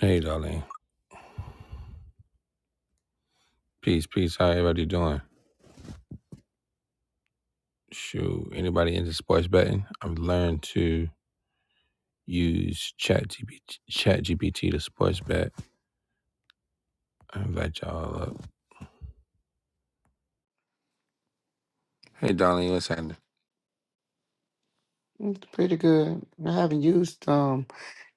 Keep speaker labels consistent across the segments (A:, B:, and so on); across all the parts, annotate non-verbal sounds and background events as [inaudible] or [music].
A: Hey, darling. Peace, peace. How everybody doing? Shoot, anybody into sports betting? I've learned to use Chat GPT, Chat GPT to sports bet. I invite y'all up. Hey, darling, what's happening?
B: It's pretty good. I haven't used um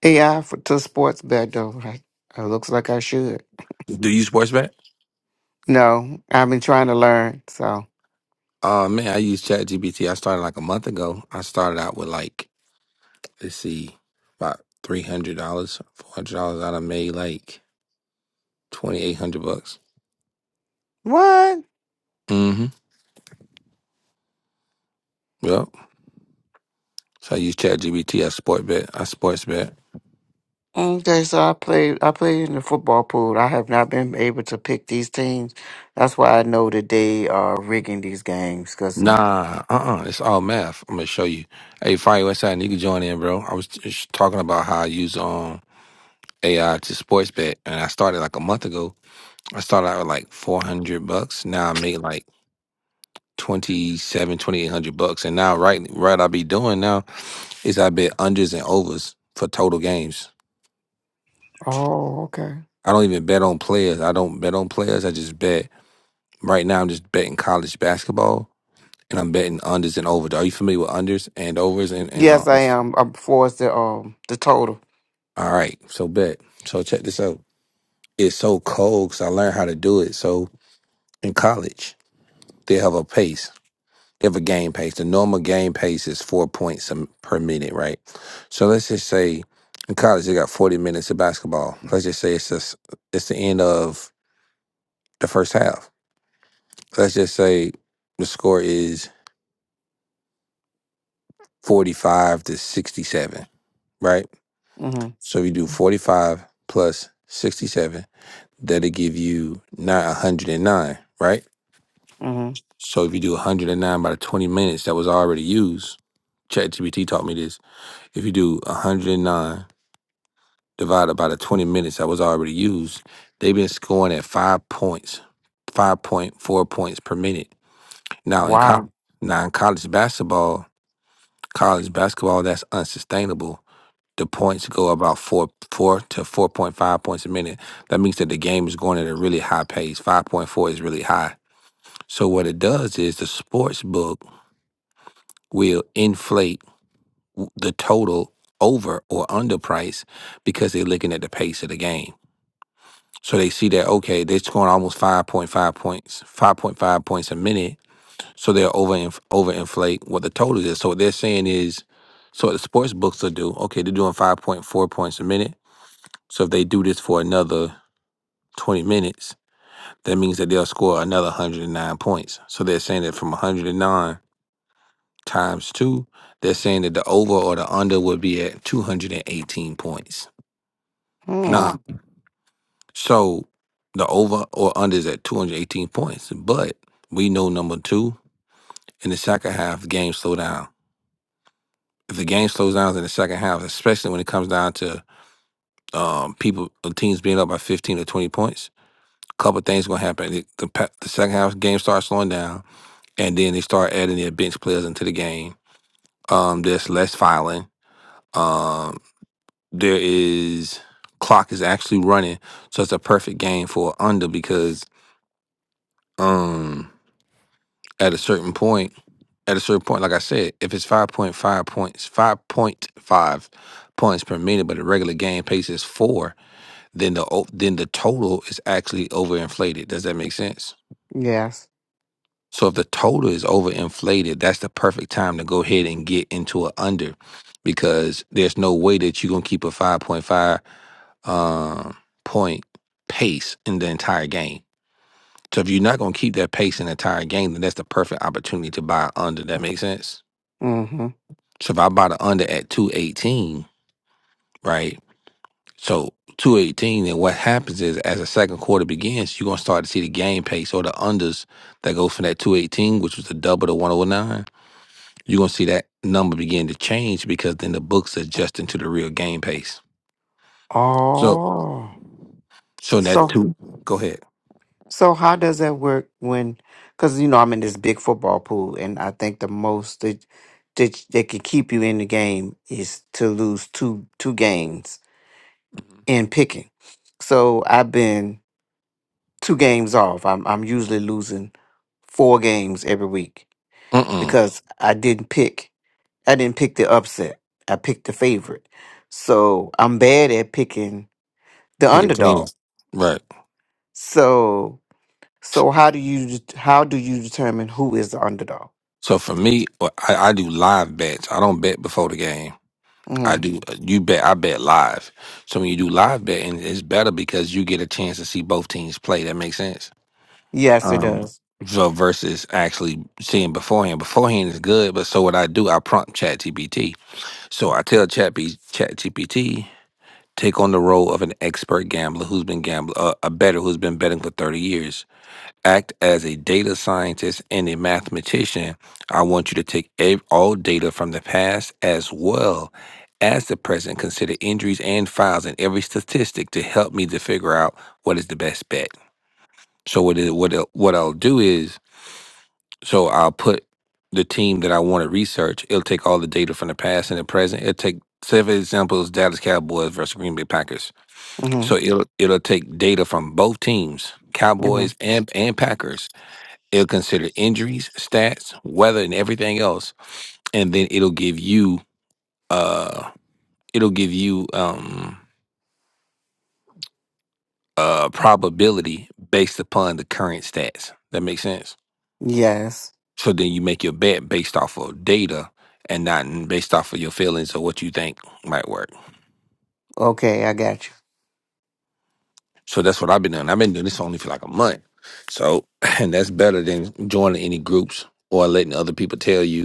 B: AI for to sports bet though. Like it looks like I should.
A: Do you sports bet?
B: No, I've been trying to learn. So
A: Uh, man, I use Chat GPT. I started like a month ago. I started out with like, let's see, about three hundred dollars, four hundred dollars. I done made like twenty eight hundred bucks.
B: what?
A: Mm-hmm. Yep. So I use Chat GPT. I sport bet. I sports bet.
B: Okay, so I played. I played in the football pool. I have not been able to pick these teams. That's why I know that they are rigging these games. Cause
A: Nah, uh-uh. It's all math. I'm gonna show you. Hey, Fire West Side, you can join in, bro. I was just talking about how I use um AI to sports bet, and I started like a month ago. I started out with like 400 bucks. Now I made like 27, 2800 bucks. And now right, right, I be doing now is I bet unders and overs for total games.
B: oh, okay.
A: I don't even bet on players. I don't bet on players. I just bet. Right now, I'm just betting college basketball, and I'm betting unders and overs. Are you familiar with unders and overs and and
B: Yes, I
A: uh,
B: am. I'm forced the um the total.
A: All right, so bet. So check this out. It's so cold because I learned how to do it. So in college, they have a pace. They have a game pace. The normal game pace is four points a- per minute, right? So let's just say in college they got forty minutes of basketball. Let's just say it's just, it's the end of the first half. Let's just say the score is forty-five to sixty-seven, right?
B: Mm-hmm.
A: So you do forty-five plus sixty-seven. That'll give you not one hundred and nine, right?
B: Mm-hmm.
A: So if you do 109 by the 20 minutes that was already used, ChatGPT taught me this. If you do 109 divided by the 20 minutes that was already used, they've been scoring at five points, 5.4 points per minute. Now in,
B: Wow.
A: co- now in college basketball, college basketball, that's unsustainable. The points go about four, four to 4.5 points a minute. That means that the game is going at a really high pace. 5.4 is really high. So what it does is the sports book will inflate the total over or under price because they're looking at the pace of the game. So they see that okay, they're scoring almost five point five points, five point five points a minute. So they're over over inflate what the total is. So what they're saying is, so what the sports books will do okay, they're doing five point four points a minute. So if they do this for another twenty minutes, that means that they'll score another one hundred and nine points. So they're saying that from one hundred and nine times two, they're saying that the over or the under would be at 218 points.
B: Hmm.
A: Nah, so the over or under is at 218 points. But we know number two, in the second half, the game slow down. If the game slows down in the second half, especially when it comes down to um, people, or teams being up by 15 or 20 points, a couple of things going to happen. The, the, pa- the second half game starts slowing down, and then they start adding their bench players into the game. Um, there's less filing. Um. there is clock is actually running, so it's a perfect game for a under because um at a certain point, at a certain point, like I said, if it's five point five points, five point five points per minute, but the regular game pace is four, then the o- then the total is actually overinflated. Does that make sense?
B: Yes.
A: So if the total is overinflated, that's the perfect time to go ahead and get into an under because there's no way that you're gonna keep a 5.5 um, point pace in the entire game. So if you're not going to keep that pace in the entire game, then that's the perfect opportunity to buy under. That makes sense.
B: Mm-hmm.
A: So if I buy the under at 218, right? So 218, then what happens is as the second quarter begins, you're going to start to see the game pace or the unders that go from that 218, which was the double to 109. You're going to see that number begin to change because then the books adjusting to the real game pace. So,
B: Oh.
A: so that
B: So
A: two, go ahead.
B: So how does that work when? Because you know I'm in this big football pool, and I think the most that that, that could keep you in the game is to lose two two games in picking. So I've been two games off. I'm I'm usually losing four games every week
A: Mm-mm.
B: because I didn't pick. I didn't pick the upset. I picked the favorite. So I'm bad at picking the
A: Pick a team.
B: underdog.
A: Right.
B: So
A: So
B: so how do you det- how do you determine who is the underdog?
A: so for me, uh, I, I do live bets. I don't bet before the game. I
B: hmm
A: do uh, you bet I bet live. So when you do live betting, it's better because you get a chance to see both teams play. That makes sense.
B: Yes, it
A: Um
B: does.
A: so versus actually seeing beforehand. Beforehand is good, but so what I do, I prompt ChatGPT. So I tell Chat ChatGPT take on the role of an expert gambler who's been gambler, uh, a better who's been betting for 30 years act as a data scientist and a mathematician, I want you to take ev- all data from the past as well as the present, consider injuries and files and every statistic to help me to figure out what is the best bet. So what it, what it, what I'll do is so I'll put the team that I want to research. It'll take all the data from the past and the present. It'll take seven examples: Dallas Cowboys versus Green Bay Packers.
B: hmm
A: So it'll it'll take data from both teams,
B: hmm
A: Cowboys and and Packers It'll consider injuries, stats, weather, and everything else, and then it'll give you uh it'll give you um uh probability based upon the current stats. That makes sense.
B: Yes.
A: So then you make your bet based off of data and not n- based off of your feelings or what you think might work.
B: Okay, I got you.
A: So that's what I've been doing. I've been doing this only for like a month. So [laughs] [clears throat] and that's better than joining any groups or letting other people tell you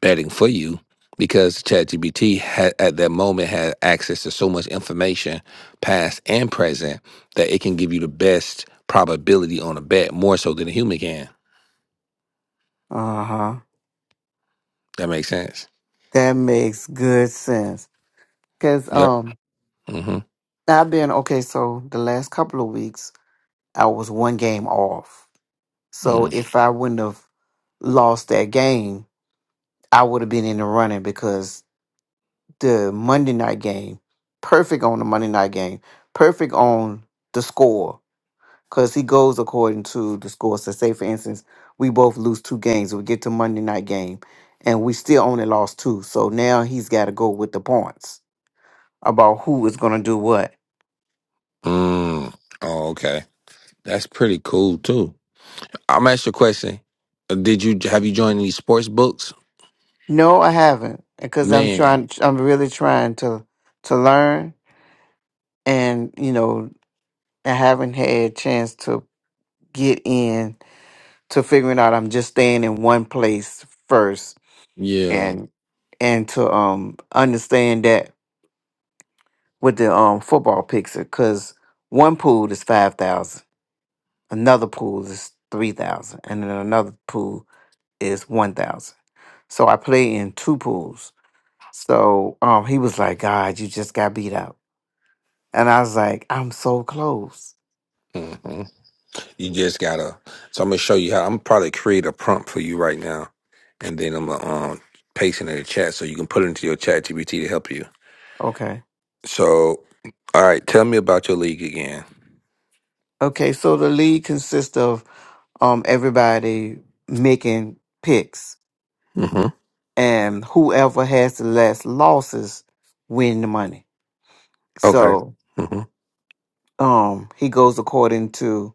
A: betting for you because ChatGPT had at that moment had access to so much information, past and present, that it can give you the best probability on a bet more so than a human can.
B: Uh huh.
A: That makes sense.
B: That makes good sense. Cause
A: Yep.
B: um,
A: Mm-hmm.
B: I've been okay. So the last couple of weeks, I was one game off. So
A: Mm.
B: if I wouldn't have lost that game, I would have been in the running because the Monday night game, perfect on the Monday night game, perfect on the score. because he goes according to the score. So say for instance, we both lose two games. We get to Monday night game, and we still only lost two. So now he's got to go with the points about who is going to do what.
A: Mm. Oh, okay. That's pretty cool too. I'm ask you a question. Uh, Did you have you joined any sports books?
B: No, I haven't because I'm
A: Man,
B: trying. I'm really trying to to learn, and you know, I haven't had a chance to get in to figuring out. I'm just staying in one place first,
A: yeah.
B: and and to um understand that. with the um football picks because one pool is five thousand, another pool is three thousand, and then another pool is one thousand. So I play in two pools. So um he was like, God, you just got beat out. And I was like, I'm so close.
A: Mm-hmm. You just gotta. So I'm gonna show you how. I'm probably create a prompt for you right now, and then I'm gonna um, paste it in the chat so you can put it into your chat GPT to help you.
B: Okay.
A: So, all right, tell me about your league again.
B: Okay, so the league consists of um everybody making picks
A: Mm-hmm.
B: and whoever has the less losses win the money.
A: Okay.
B: So
A: Mm-hmm.
B: um he goes according to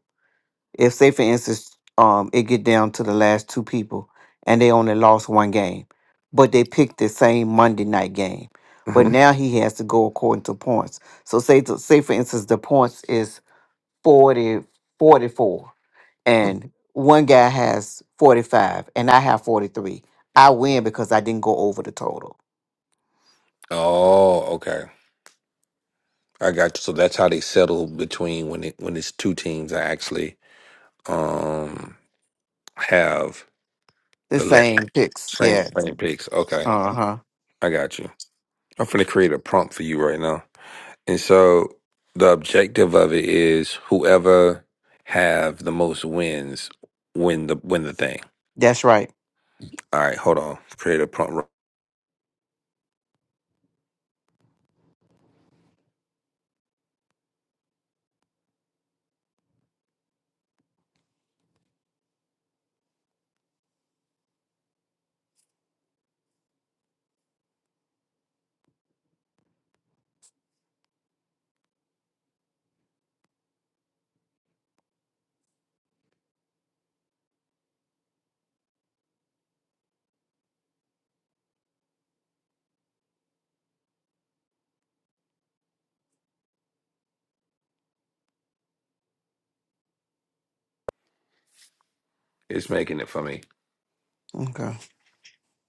B: If say for instance, um, it get down to the last two people and they only lost one game, but they picked the same Monday night game. But
A: Mm-hmm.
B: now he has to go according to points. So say to, say for instance the points is 40 44, and one guy has 45 and I have 43. I win because I didn't go over the total.
A: Oh, okay. I got you. So that's how they settle between when it when it's two teams that actually um have
B: The
A: the le-
B: same picks.
A: same
B: Yes.
A: same picks. Okay,
B: Uh-huh.
A: I got you. I'm gonna create a prompt for you right now. And so the objective of it is whoever have the most wins win the win the thing.
B: That's right.
A: All right, hold on. Create a prompt. It's making it for me,
B: Okay.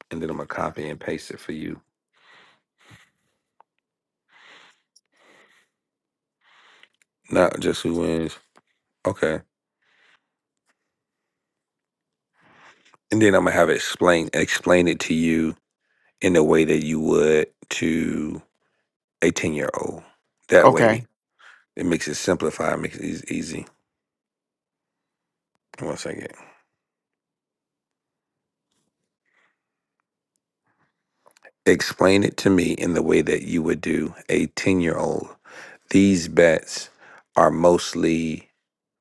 A: and then I'm gonna copy and paste it for you. Not just who wins. Okay, and then I'm gonna have it explain explain it to you in the way that you would to a ten year old. That way,
B: Okay.
A: it makes it simplified, makes it eas- easy. One second. Explain it to me in the way that you would do a ten year old These bets are mostly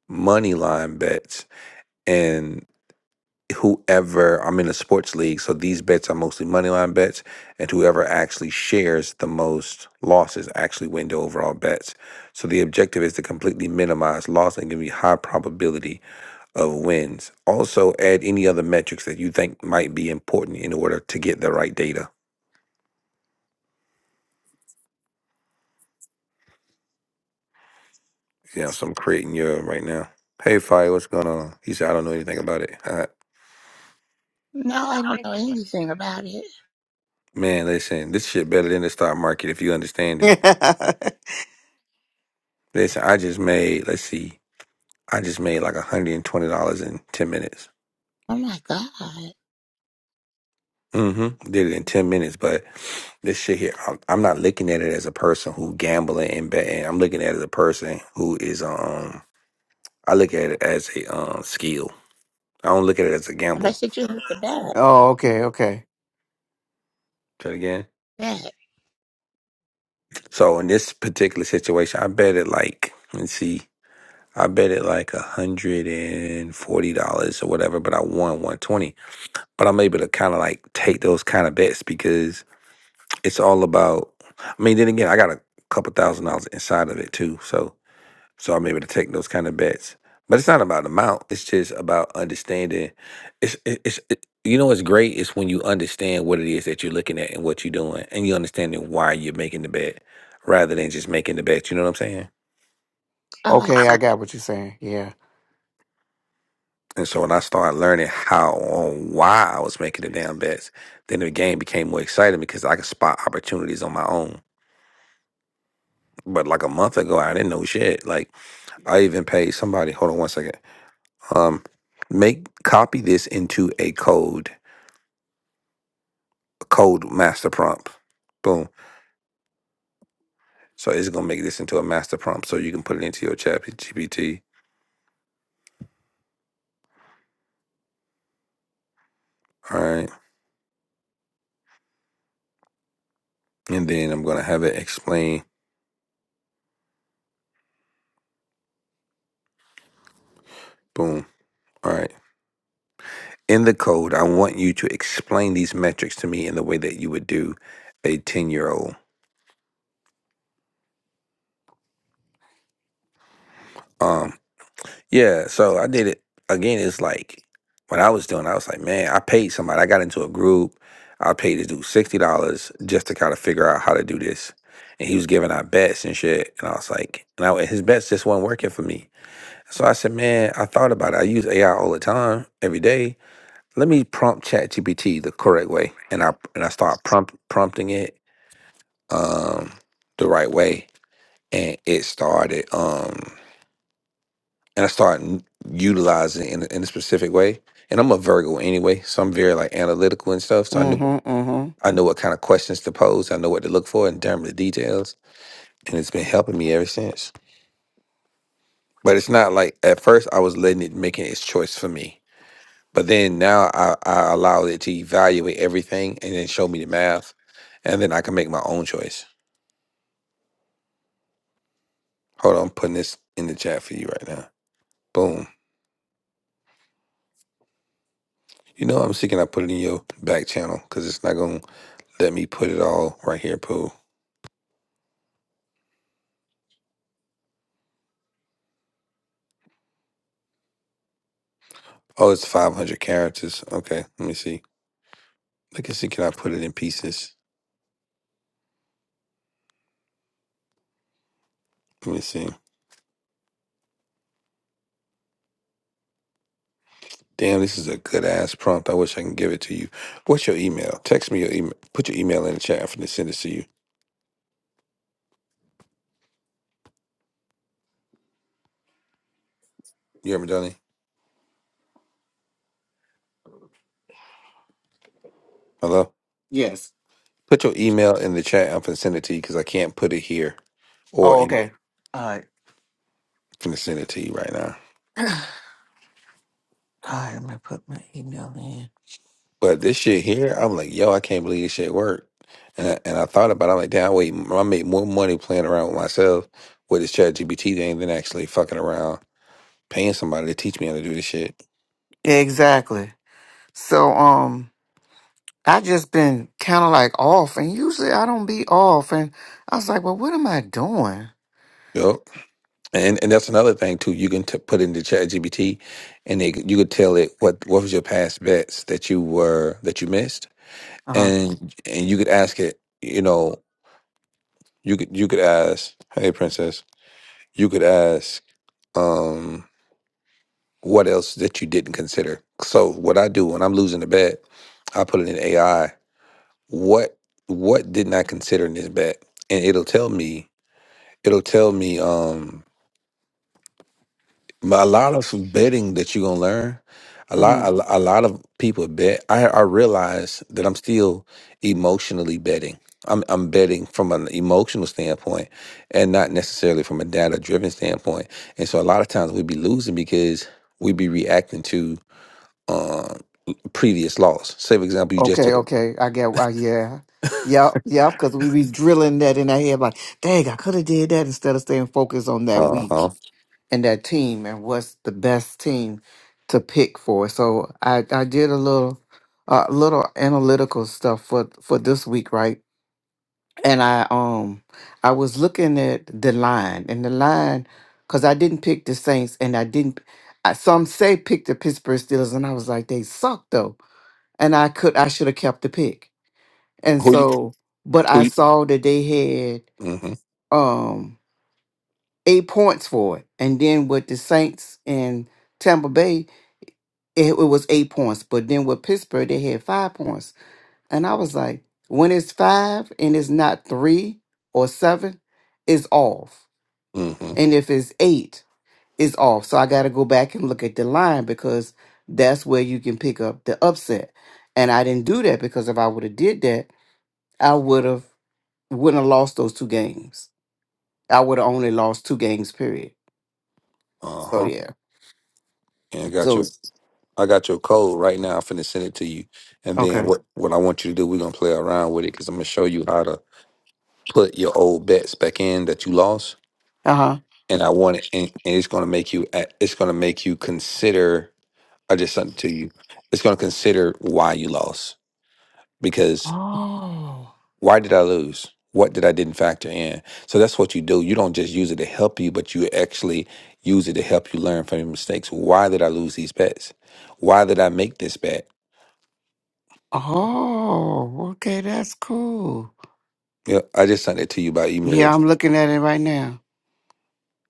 A: money line bets and whoever I'm in a sports league, so these bets are mostly money line bets and whoever actually shares the most losses actually win the overall bets. So the objective is to completely minimize loss and give you high probability of wins. Also add any other metrics that you think might be important in order to get the right data. Yeah, so I'm creating your right now. Hey, Fire, what's going on? He said, I don't know anything about it. All right.
C: No, I don't know anything about it.
A: Man, listen, this shit better than the stock market if you understand
B: [laughs]
A: it.
B: oh,
A: Listen, I just made, let's see, I just made like $120 in 10 minutes.
C: Oh my God.
A: Mm-hmm. Did it in 10 minutes, but this shit here, I'm, I'm not looking at it as a person who gambling and betting. I'm looking at it as a person who is, um, I look at it as a um skill. I don't look at it as a
C: I
A: gamble.
C: said, you have to back.
B: okay, okay.
A: Say it again.
C: Back.
A: So in this particular situation, I bet it like, let's see, I bet it like $140 or whatever, but I won 120 but I'm able to kind of like take those kind of bets because it's all about. I mean, then again, I got a couple thousand dollars inside of it too, so so I'm able to take those kind of bets. But it's not about amount; it's just about understanding. It's it- it's it, you know what's great is when you understand what it is that you're looking at and what you're doing, and you understanding why you're making the bet rather than just making the bet. You know what I'm saying?
C: Oh, I
B: Okay, I got what you're saying. Yeah.
A: And so when I started learning how on why I was making the damn bets, then the game became more exciting because I could spot opportunities on my own But like a month ago, I didn't know shit. Like I even paid somebody. Hold on one second. Um, make copy this into a code, a code master prompt. Boom. So it's gonna make this into a master prompt, so you can put it into your chat GPT. All right, and then I'm gonna have it explain. Boom. All right. In the code, I want you to explain these metrics to me in the way that you would do a ten year old. Yeah, so I did it again. It's like what I was doing. I was like, man, I paid somebody. I got into a group. I paid this dude sixty dollars just to kind of figure out how to do this. And he was giving out bets and shit. And I was like, and I, his bets just weren't working for me. So I said, man, I thought about it. I use AI all the time, every day. Let me prompt ChatGPT the correct way. And I and I start prompt prompting it um the right way. And it started. Um and I start n- utilizing it in, a- in a specific way. And I'm a Virgo anyway, so I'm very like analytical and stuff. So I knew
B: Mm-hmm. Mm-hmm.
A: I know what kind of questions to pose. I know what to look for in terms of details, and it's been helping me ever since. But it's not like at first I was letting it making its choice for me, but then now I, I allow it to evaluate everything and then show me the math, and then I can make my own choice. Hold on, I'm putting this in the chat for you right now. Boom. You know I'm seeking. I put it in your back channel because it's not gonna let me put it all right here, Pooh. Oh, it's 500 characters. Okay, let me see. I can see, can I put it in pieces? Let me see. Damn, this is a good ass prompt. I wish I can give it to you. What's your email? Text me your email. Put your email in the chat. I'm finna send it to you. You hear me, Donnie? Hello?
B: Yes.
A: Put your email in the chat. I'm finna send it to you because I can't put it here or
B: Oh,
A: in,
B: okay. All right.
A: finna send it to you right now.
B: All right, I'm gonna put my email in.
A: But this shit here, I'm like, yo, I can't believe this shit worked. And I, and I thought about it. I'm like, damn, wait, I made more money playing around with myself with this chat GPT thing than actually fucking around paying somebody to teach me how to do this shit.
B: Exactly. So um I just been kinda like off and usually I don't be off and I was like, Well, what am I doing?
A: Yep. And and that's another thing too. You can t- put into ChatGPT, and they, you could tell it what what was your past bets that you were that you missed,
B: Uh-huh.
A: and and you could ask it. You know, you could you could ask, hey princess, you could ask, um, what else that you didn't consider. So what I do when I'm losing a bet, I put it in AI. What what didn't I consider in this bet? And it'll tell me. It'll tell me. Um, But a lot of betting that you're gonna learn. A lot,
B: hmm
A: a, a lot of people bet. I, I realize that I'm still emotionally betting. I'm, I'm betting from an emotional standpoint, and not necessarily from a data-driven standpoint. And so, a lot of times we be losing because we be reacting to uh, previous loss. Say, for example, you just
B: Okay,
A: took a
B: okay. I get uh, yeah. Yep, yep, because we be drilling that in our head like, dang, I could have did that instead of staying focused on that
A: uh
B: week.
A: huh.
B: and that team and what's the best team to pick for. So I, I did a little uh, little analytical stuff for for this week, right? And I um I was looking at the line and the line because I didn't pick the Saints and I didn't I, some say pick the Pittsburgh Steelers and I was like they suck though and I could I should have kept the pick and
A: Who you
B: so but
A: who
B: I
A: you?
B: saw that they had
A: Mm-hmm.
B: um eight points for it and then with the Saints and Tampa Bay it, it was eight points. But then with Pittsburgh, they had five points. And I was like, when it's five and it's not three or seven, it's off.
A: Mm-hmm.
B: And if it's eight, it's off. So I got to go back and look at the line because that's where you can pick up the upset. And I didn't do that because if I would have did that, I would have wouldn't have lost those two games. I would have only lost two games, period.
A: Uh
B: So
A: huh.
B: yeah.
A: And got
B: So
A: your I got your code right now. I'm finna send it to you. And then
B: okay.
A: what what I want you to do, we're gonna play around with it because I'm gonna show you how to put your old bets back in that you lost.
B: Uh huh.
A: And I want it and, and it's gonna make you a- it's gonna make you consider I just sent it to you. It's gonna consider why you lost. Because
B: Oh.
A: why did I lose? What did I didn't factor in? So that's what you do. You don't just use it to help you, but you actually use it to help you learn from your mistakes. Why did I lose these bets? Why did I make this bet?
B: Oh, okay, that's cool.
A: Yeah, I just sent it to you by email.
B: Yeah, I'm looking at it right now.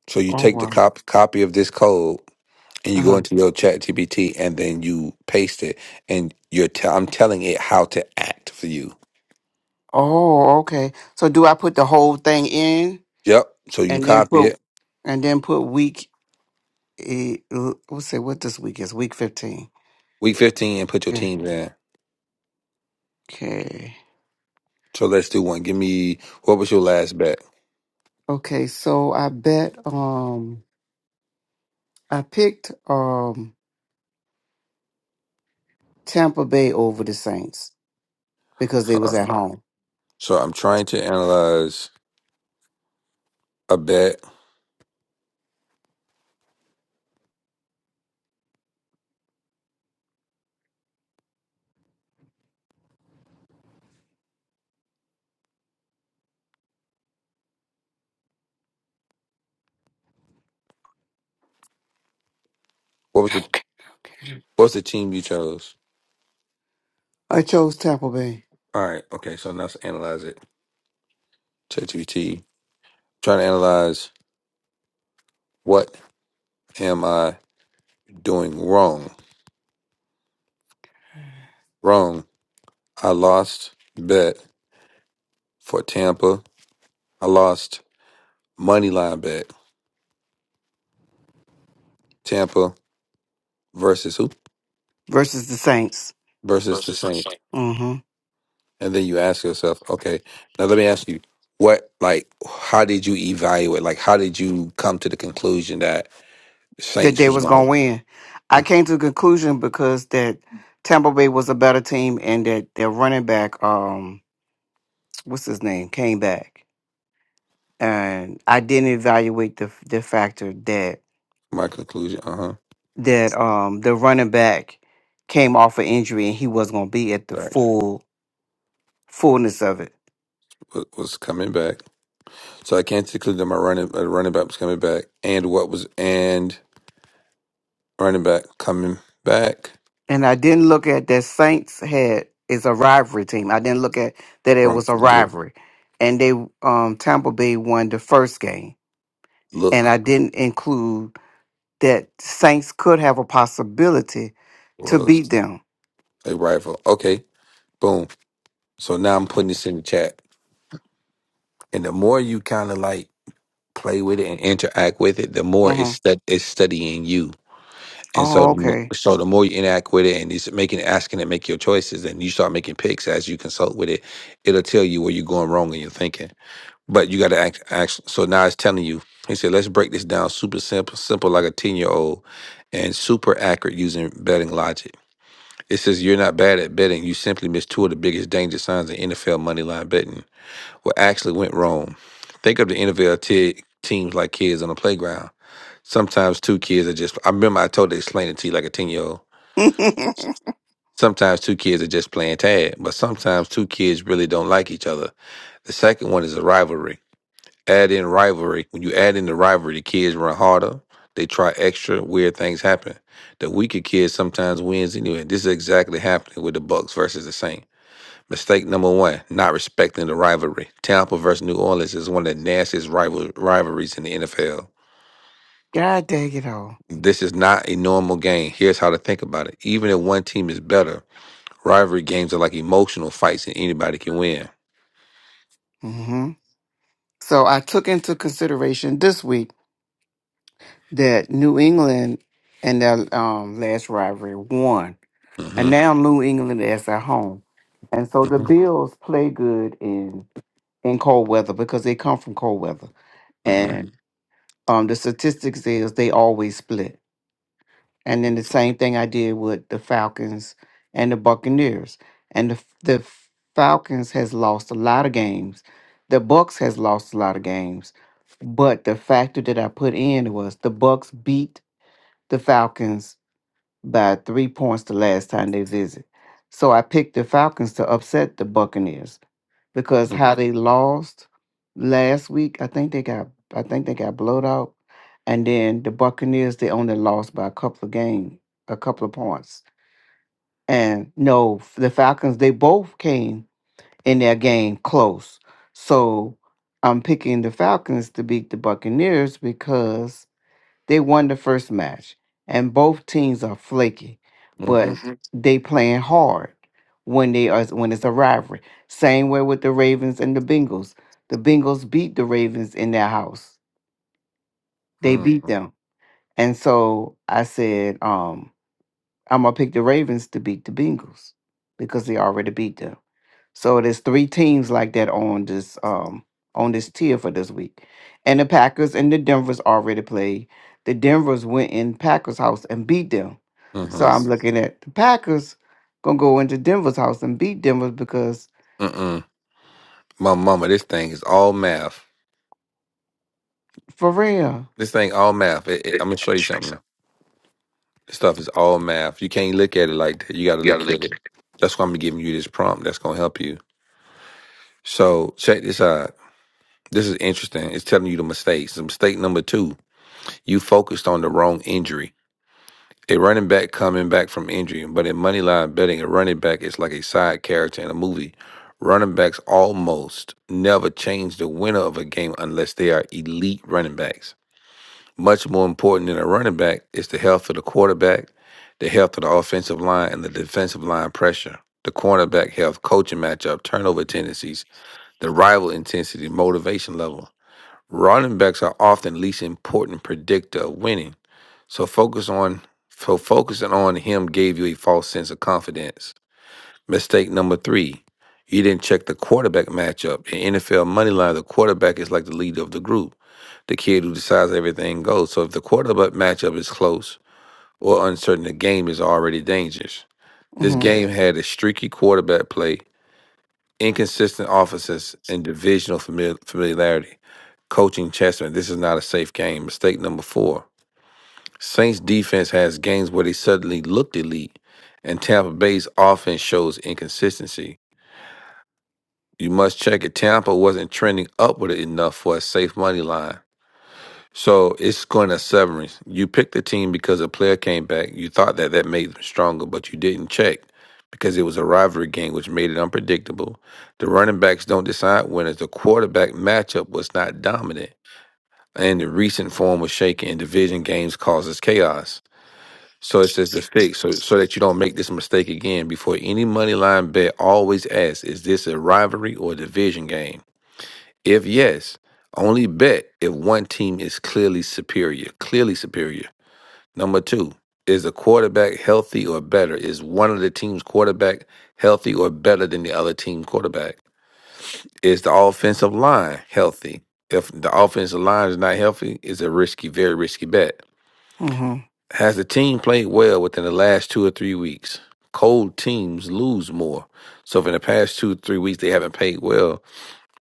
A: So you
B: Oh
A: take the
B: wow.
A: cop- copy of this code and you go
B: Uh-huh.
A: into your chat GPT and then you paste it and you're i I'm telling it how to act for you.
B: Oh, okay. So do I put the whole thing in
A: Yep. So you
B: and then
A: copy
B: put
A: it
B: and then put week eh, l- let's say what this week is, week fifteen.
A: week 15 and put your
B: Yeah.
A: teams in.
B: Okay.
A: So let's do one. Give me what was your last bet?
B: Okay, so I bet um I picked um Tampa Bay over the Saints because they was
A: Uh,
B: at home.
A: so I'm trying to analyze a bet. What was the what's the team you chose?
B: I chose Tampa Bay
A: All right. Okay. So now let's analyze it. ChatGPT. Trying to analyze what am I doing wrong? Wrong. I lost bet for Tampa. I lost money line bet. Tampa versus who?
B: versus the Saints.
A: Versus the Saints.
B: Mm-hmm.
A: And then you ask yourself, okay, now let me ask you, what like how did you evaluate? Like how did you come to the conclusion that
B: that
A: Saints
B: they
A: was
B: was going
A: going?
B: to win. I came to the conclusion because that Tampa Bay was a better team and that their running back, um, what's his name, came back, and I didn't evaluate the the factor that
A: My conclusion, uh huh.
B: that um the running back came off an injury and he wasn't going to be at the
A: Back
B: full fullness of it,
A: wa- was coming back, so I can't conclude that my running uh, running back was coming back, and what was and running back coming back
B: and I didn't look at that Saints had is a rivalry team. I didn't look at that it
A: from
B: was a
A: injury
B: rivalry, and they um Tampa Bay won the first game, and
A: look
B: I didn't include that saints could have a possibility to beat
A: was
B: them.
A: a rival. Okay, boom. So now I'm putting this in the chat. And the more you kind of like play with it and interact with it, the more it's
B: hmm
A: stu- it's studying you. And so,
B: Oh,
A: the mo-
B: okay.
A: so the more you interact with it and it's making asking it make your choices, and you start making picks as you consult with it, it'll tell you where you're going wrong in your thinking. But you got to act, act. So now it's telling you. He said, let's break this down super simple, simple like a ten year old, and super accurate using betting logic. It says you're not bad at betting. You simply missed two of the biggest danger signs in NFL money line betting. what actually went wrong. Think of the NFL te- teams like kids on the playground. Sometimes two kids are just, I remember I told explain it to you like a 10 year old.
B: [laughs]
A: Sometimes two kids are just playing tag, but sometimes two kids really don't like each other. The second one is a rivalry. Add in rivalry. When you add in the rivalry, the kids run harder. They try extra. Weird things happen. The weaker kid sometimes wins anyway. This is exactly happening with the Bucks versus the Saints. Mistake number one, not respecting the rivalry. Tampa versus New Orleans is one of the nastiest rival- rivalries in the NFL.
B: God dang it all.
A: This is not a normal game. Here's how to think about it. Even if one team is better, rivalry games are like emotional fights and anybody can win.
B: hmm So I took into consideration this week that New England and their um, last rivalry won, and
A: Mm-hmm.
B: now New England is at home, and so the
A: Mm-hmm.
B: Bills play good in in cold weather because they come from cold weather,
A: Mm-hmm.
B: and um, the statistics is they always split. And then the same thing I did with the Falcons and the Buccaneers. And the the Falcons has lost a lot of games. The Bucks has lost a lot of games. But the factor that I put in was the Bucks beat the Falcons by three points the last time they visit. So I picked the Falcons to upset the Buccaneers because how they lost last week, I think they got I think they got blowed out. And then the Buccaneers, they only lost by a couple of game, a couple of points. And no, the Falcons, they both came in their game close. So I'm picking the Falcons to beat the Buccaneers because they won the first match, and both teams are flaky, but
A: Mm-hmm.
B: they playing hard when they are when it's a rivalry. Same way with the Ravens and the Bengals. The Bengals beat the Ravens in their house. They beat
A: Mm-hmm.
B: them, and so I said, um, I'm gonna pick the Ravens to beat the Bengals because they already beat them. So there's three teams like that on this um on this tier for this week. And the Packers and the Denvers already played. The Denvers went in Packers house and beat them.
A: Mm-hmm.
B: So I'm looking at the Packers gonna go into Denver's house and beat Denver because
A: Mm-mm. My mama, this thing is all math.
B: for real.
A: This thing all math. It- it- I'm gonna show you something. This stuff is all math. You can't look at it like that. You gotta look at it. That's why I'm giving you this prompt. That's gonna help you. So check this out. This is interesting. It's telling you the mistakes. Mistake number two, you focused on the wrong injury. A running back coming back from injury, but in money line betting, a running back is like a side character in a movie. Running backs almost never change the winner of a game unless they are elite running backs. Much more important than a running back is the health of the quarterback, the health of the offensive line, and the defensive line pressure, the cornerback health, coaching matchup, turnover tendencies, the rival intensity, motivation level. Running backs are often the least important predictor of winning. So focus on so focusing on him gave you a false sense of confidence. Mistake number three. You didn't check the quarterback matchup. In NFL moneyline. the quarterback is like the leader of the group, the kid who decides everything goes. So if the quarterback matchup is close or uncertain, the game is already dangerous. This
B: Mm-hmm.
A: game had a streaky quarterback play inconsistent offenses and divisional famili- familiarity. Coaching Chessman, this is not a safe game. Mistake number four. Saints defense has games where they suddenly looked elite, and Tampa Bay's offense shows inconsistency. You must check it. Tampa wasn't trending upward enough for a safe money line. So it's going as severance. You picked the team because a player came back. You thought that that made them stronger, but you didn't check because it was a rivalry game, which made it unpredictable. The running backs don't decide winners. The quarterback matchup was not dominant, and the recent form was shaky. And division games causes chaos. So it's just a fix, so so that you don't make this mistake again. Before any money line bet, always ask: Is this a rivalry or a division game? If yes, only bet if one team is clearly superior. Clearly superior. Number two, is the quarterback healthy or better? Is one of the team's quarterback healthy or better than the other team quarterback? Is the offensive line healthy? If the offensive line is not healthy, it's a risky, very risky bet.
B: Mm-hmm.
A: Has the team played well within the last two or three weeks? Cold teams lose more. So if in the past two, three weeks they haven't played well,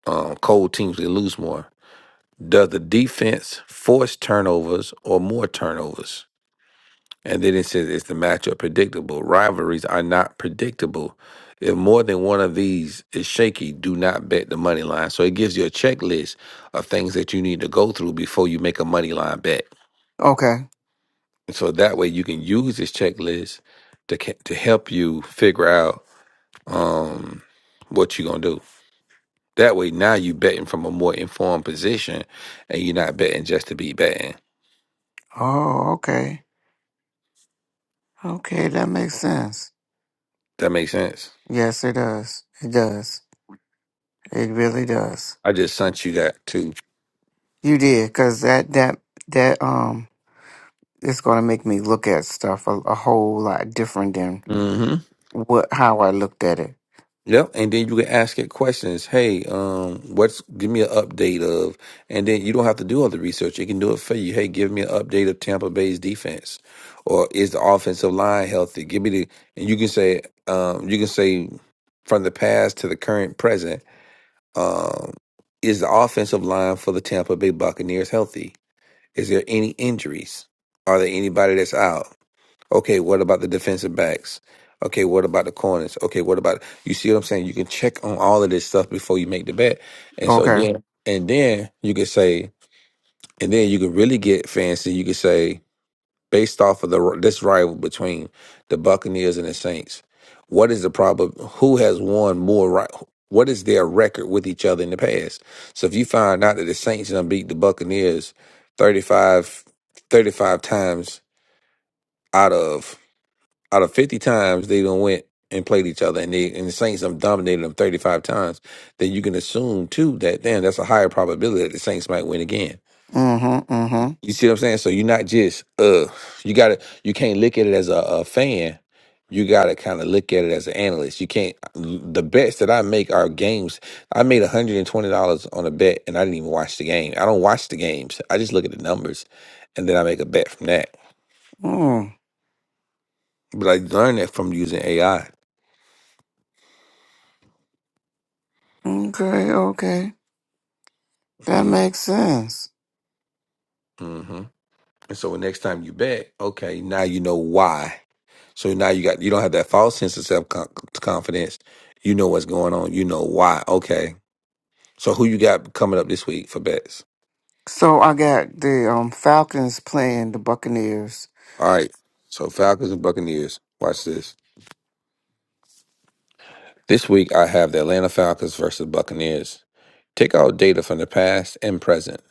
A: um, cold teams they lose more. Does the defense force turnovers or more turnovers? And then it says, is the matchup predictable? Rivalries are not predictable. If more than one of these is shaky, do not bet the money line. So it gives you a checklist of things that you need to go through before you make a money line bet.
B: Okay.
A: And so that way you can use this checklist to ca- to help you figure out um, what you're gonna do. That way now you are betting from a more informed position, and you're not betting just to be betting.
B: Oh, okay. Okay, that makes sense.
A: That makes sense.
B: Yes, it does. It does. It really does.
A: I just sent you that too.
B: You did, cause that that that um it's going to make me look at stuff a, a whole lot different than
A: Mm-hmm.
B: what how I looked at it.
A: Yep. And then you can ask it questions. Hey, um, what's give me an update of and then you don't have to do all the research. It can do it for you. Hey, give me an update of Tampa Bay's defense. Or is the offensive line healthy? Give me the and you can say um you can say from the past to the current present, um, is the offensive line for the Tampa Bay Buccaneers healthy? Is there any injuries? Are there anybody that's out? Okay, what about the defensive backs? Okay, what about the corners? Okay, what about you see what I'm saying? You can check on all of this stuff before you make the bet. And so
B: Okay.
A: then and then you could say and then you could really get fancy. You could say based off of the this rival between the Buccaneers and the Saints, what is the problem who has won more right what is their record with each other in the past? So if you find out that the Saints done beat the Buccaneers 35 35 times out of out of 50 times they done went and played each other and they and the Saints done dominated them 35 times, then you can assume too that damn that's a higher probability that the Saints might win again.
B: Mhm. Mhm.
A: You see what I'm saying? So you're not just uh you gotta you can't look at it as a, a fan. You gotta kind of look at it as an analyst. You can't the bets that I make are games. I made $120 on a bet and I didn't even watch the game. I don't watch the games. I just look at the numbers and then I make a bet from that.
B: Mm.
A: But I learned that from using AI.
B: Okay. Okay. That makes sense.
A: Mm-hmm. And so the next time you bet, okay, now you know why. So now you got you don't have that false sense of self con- confidence. You know what's going on. You know why. Okay. So who you got coming up this week for bets?
B: So I got the um Falcons playing the Buccaneers.
A: All right. So Falcons and Buccaneers. Watch this. This week I have the Atlanta Falcons versus Buccaneers. Take all data from the past and present.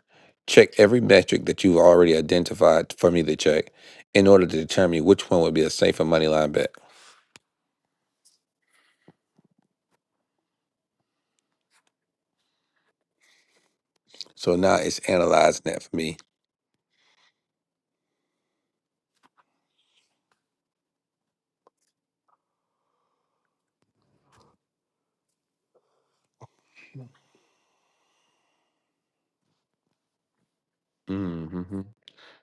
A: Check every metric that you've already identified for me to check in order to determine which one would be a safer money line bet. So now it's analyzing that for me. hmm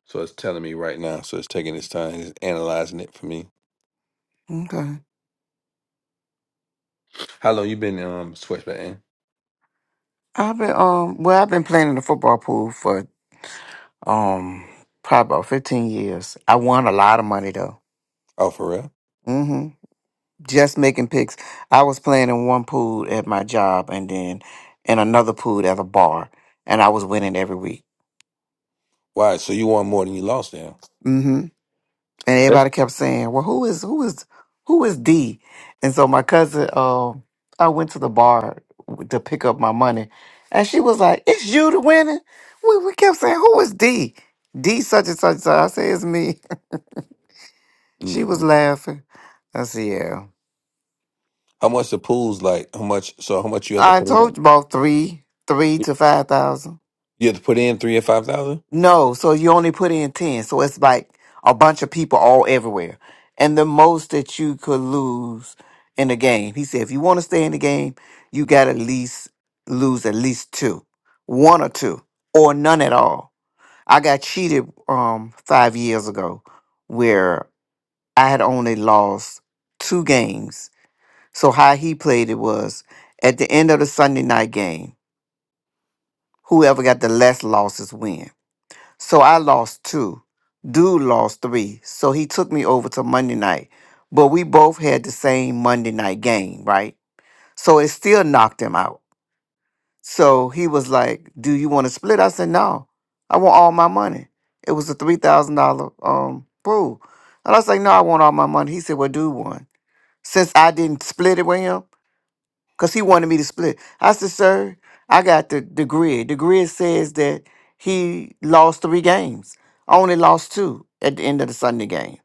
A: So it's telling me right now. So it's taking its time. It's analyzing it for me.
B: Okay.
A: How long you been um sweatshop in?
B: I've been um well I've been playing in the football pool for um probably about fifteen years. I won a lot of money though.
A: Oh, for real?
B: Mm-hmm. Just making picks. I was playing in one pool at my job and then in another pool at a bar and I was winning every week.
A: Why? So you won more than you lost now.
B: Mm-hmm. and
A: That's
B: everybody kept saying, "Well, who is who is who is D?" And so my cousin, um, I went to the bar to pick up my money, and she was like, "It's you the winner." We we kept saying, "Who is D?" D such and such. and such." I said, "It's me." [laughs] She was
A: Mhm.
B: laughing. I said, "Yeah."
A: how much the pool's like. How much? So how much you have to
B: I
A: put in?
B: told you about three, three to five thousand.
A: You have to put in three or five thousand.
B: No, so you only put in 10. So it's like a bunch of people all everywhere. And the most that you could lose in the game, he said, if you want to stay in the game, you got to at least lose at least two, one or two, or none at all. I got cheated um five years ago where I had only lost two games. So how he played it was at the end of the Sunday night game, whoever got the less losses win. So I lost two. Dude lost three. So he took me over to Monday night. But we both had the same Monday night game, right? So it still knocked him out. So he was like, Do you want to split? I said, No. I want all my money. It was a three thousand dollar um pool. And I was like, No, I want all my money. He said, Well, dude won. Since I didn't split it with him, because he wanted me to split. I said, sir, I got the, the grid. The grid says that he lost three games. I only lost two at the end of the Sunday game.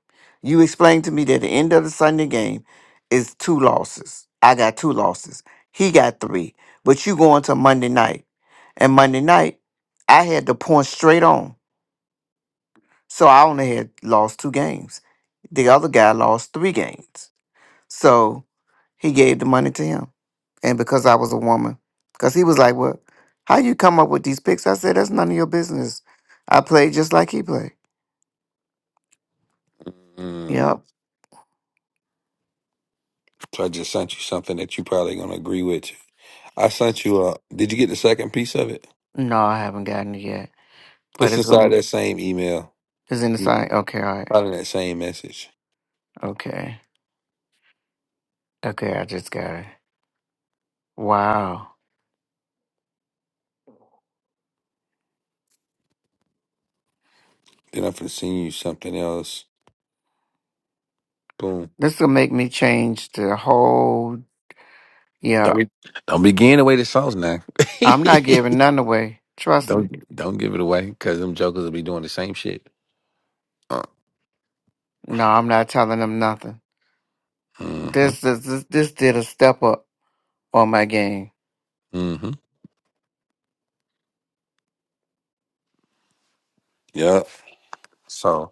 B: You explained to me that the end of the Sunday game is two losses. I got two losses. He got three. But you going to Monday night. And Monday night, I had the point straight on. So I only had lost two games. The other guy lost three games. So he gave the money to him. And because I was a woman, because he was like, Well, how you come up with these picks? I said, That's none of your business. I played just like he played.
A: Mm-hmm.
B: Yep.
A: So I just sent you something that you probably gonna agree with. I sent you a. Did you get the second piece of it?
B: No, I haven't gotten it yet. But
A: It's
B: it's
A: inside
B: going
A: that same email,
B: it's in the sign. Okay, all right.
A: probably that same message.
B: Okay. Okay, I just got it. Wow.
A: Then I'm gonna send you something else. Boom.
B: This will make me change the whole yeah.
A: Don't be, don't be giving away the sauce now.
B: I'm not giving
A: [laughs]
B: none away. Trust me.
A: don't don't give it away because them jokers will be doing the same shit. Uh,
B: No, I'm not telling them nothing.
A: mm-hmm.
B: This is this, this did a step up on my game.
A: Mm-hmm. Yep. So,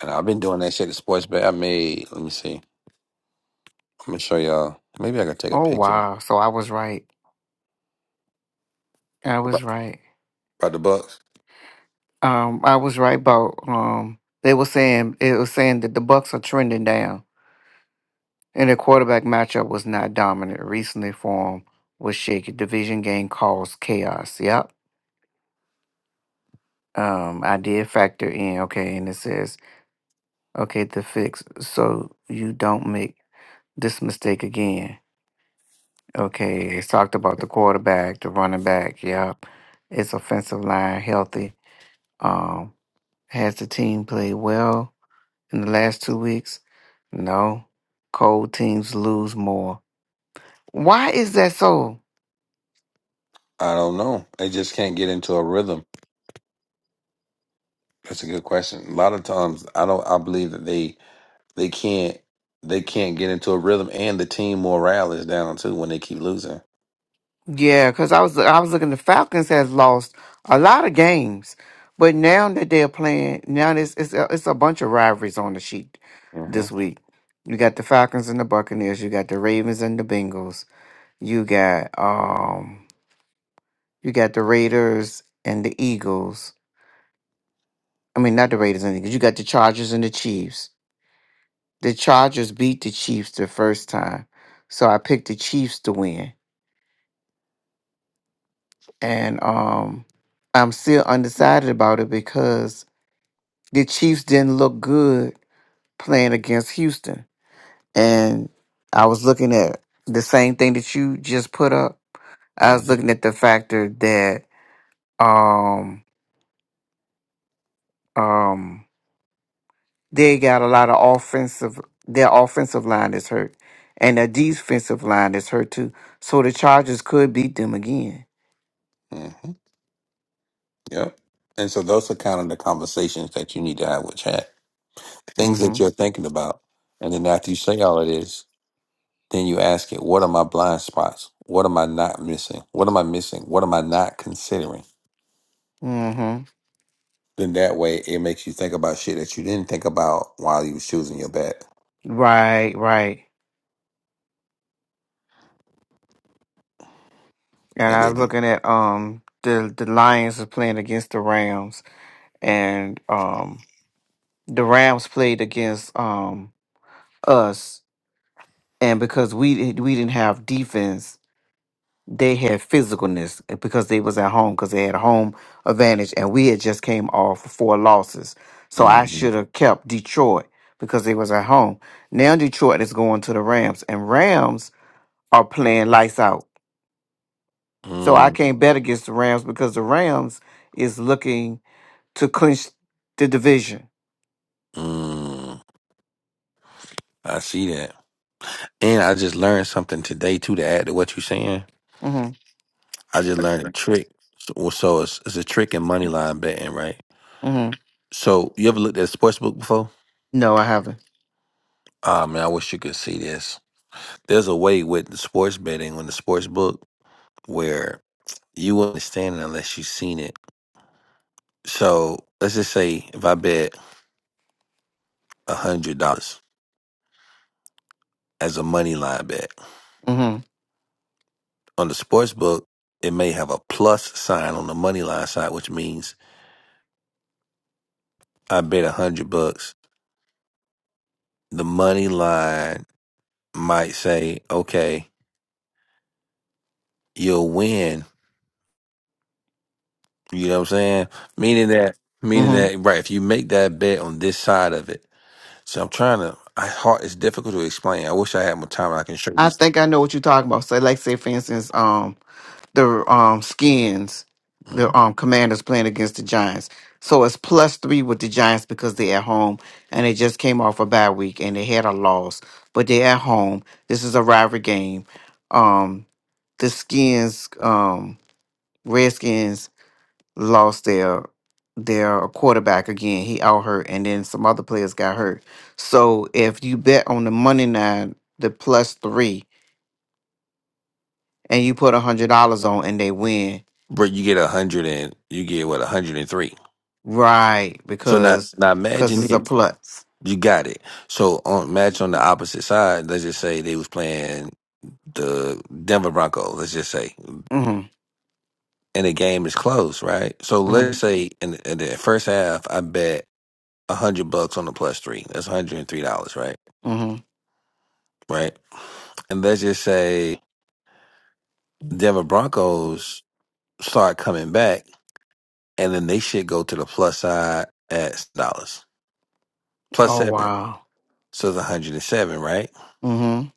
A: and I've been doing that shit at sports bet. I made. Let me see. Let me show y'all. Maybe I can take a
B: Oh
A: picture
B: wow. So I was right. I was
A: about,
B: right.
A: about the Bucks.
B: Um I was right about um they were saying it was saying that the Bucks are trending down and the quarterback matchup was not dominant. Recently form was shaky. Division game caused chaos. Yep. Um I did factor in, okay, and it says, okay, the fix so you don't make this mistake again. Okay, it's talked about the quarterback, the running back, yep. It's offensive line healthy. Um, Has the team played well in the last two weeks? No. Cold teams lose more. Why is that so?
A: I don't know. They just can't get into a rhythm. That's a good question. A lot of times, I don't. I believe that they they can't they can't get into a rhythm, and the team morale is down too when they keep losing.
B: Yeah, because I was I was looking. The Falcons has lost a lot of games, but now that they're playing, now it's it's a, it's a bunch of rivalries on the sheet
A: hmm
B: this week. You got the Falcons and the Buccaneers. You got the Ravens and the Bengals. You got um you got the Raiders and the Eagles. I mean, not the Raiders and the Eagles. You got the Chargers and the Chiefs. the Chargers beat the Chiefs the first time, so I picked the Chiefs to win, and um, I'm still undecided about it because the Chiefs didn't look good playing against Houston, and I was looking at the same thing that you just put up. I was
A: hmm
B: looking at the factor that um um they got a lot of offensive their offensive line is hurt and their defensive line is hurt too. So the Chargers could beat them again.
A: hmm Yep. And so those are kind of the conversations that you need to have with chat. Things
B: Mm-hmm.
A: that you're thinking about, and then after you say all of this, then you ask it: What are my blind spots? What am I not missing? What am I missing? What am I not considering?
B: Mm-hmm.
A: Then that way it makes you think about shit that you didn't think about while you was choosing your bet.
B: Right, right. And
A: And
B: I was
A: then
B: looking at um the the Lions are playing against the Rams and um the Rams played against um us and because we didn't- we didn't have defense, they had physicalness eh, because they was at home because they had a home advantage and we had just came off four losses. So I
A: mm,
B: should have kept Detroit because they was at home. Now Detroit is going to the Rams and Rams are playing lights out. So I
A: mm,
B: can't bet against the Rams because the Rams is looking to clinch the division.
A: mm, I see that. And I just learned something today too to add to what you're saying.
B: hmm
A: I just learned a trick. So, so it's, it's a trick in money line betting, right?
B: hmm
A: So you ever looked at a sports book before?
B: No, I haven't.
A: Ah man, I wish you could see this. There's a way with the sports betting on the sports book where you wouldn't understand it unless you've seen it. So let's just say if I bet a hundred dollars as a money line bet.
B: hmm
A: On the sports book, it may have a plus sign on the money line side, which means I bet a hundred bucks. The money line might say, okay, you'll win. You know what I'm saying? Meaning that, meaning
B: hmm
A: that, right? If you make that bet on this side of it, so I'm trying to. I hard. It's difficult to explain. I wish I had more time. I can show you
B: I
A: this.
B: think I know what you're talking about. So, like, say for instance, um, the um skins,
A: Mhm.
B: the um Commanders playing against the Giants. So it's plus three with the Giants because they're at home and they just came off a bye week and they had a loss, but they're at home. This is a rivalry game. Um, the skins, um, Redskins lost their their quarterback again. He out hurt, and then some other players got hurt. So if you bet on the money line, the plus three, and you put a hundred dollars on, and they win,
A: But you get a hundred and you get what a hundred and three.
B: right?
A: So now,
B: Because
A: now
B: because
A: imagine
B: it's a
A: this.
B: plus.
A: You got it. So on match on the opposite side, let's just say they was playing the Denver Broncos. Let's just say, and
B: Mm-hmm.
A: the game is close, right? So let's
B: Mm-hmm.
A: say in, in the first half, I bet a hundred bucks on the plus three. That's one hundred and three dollars, right?
B: Mm-hmm.
A: Right. And let's just say Denver Broncos start coming back, and then they should go to the plus side at dollars plus
B: Oh
A: seven.
B: wow.
A: So it's one hundred and seven, right?
B: Mm-hmm.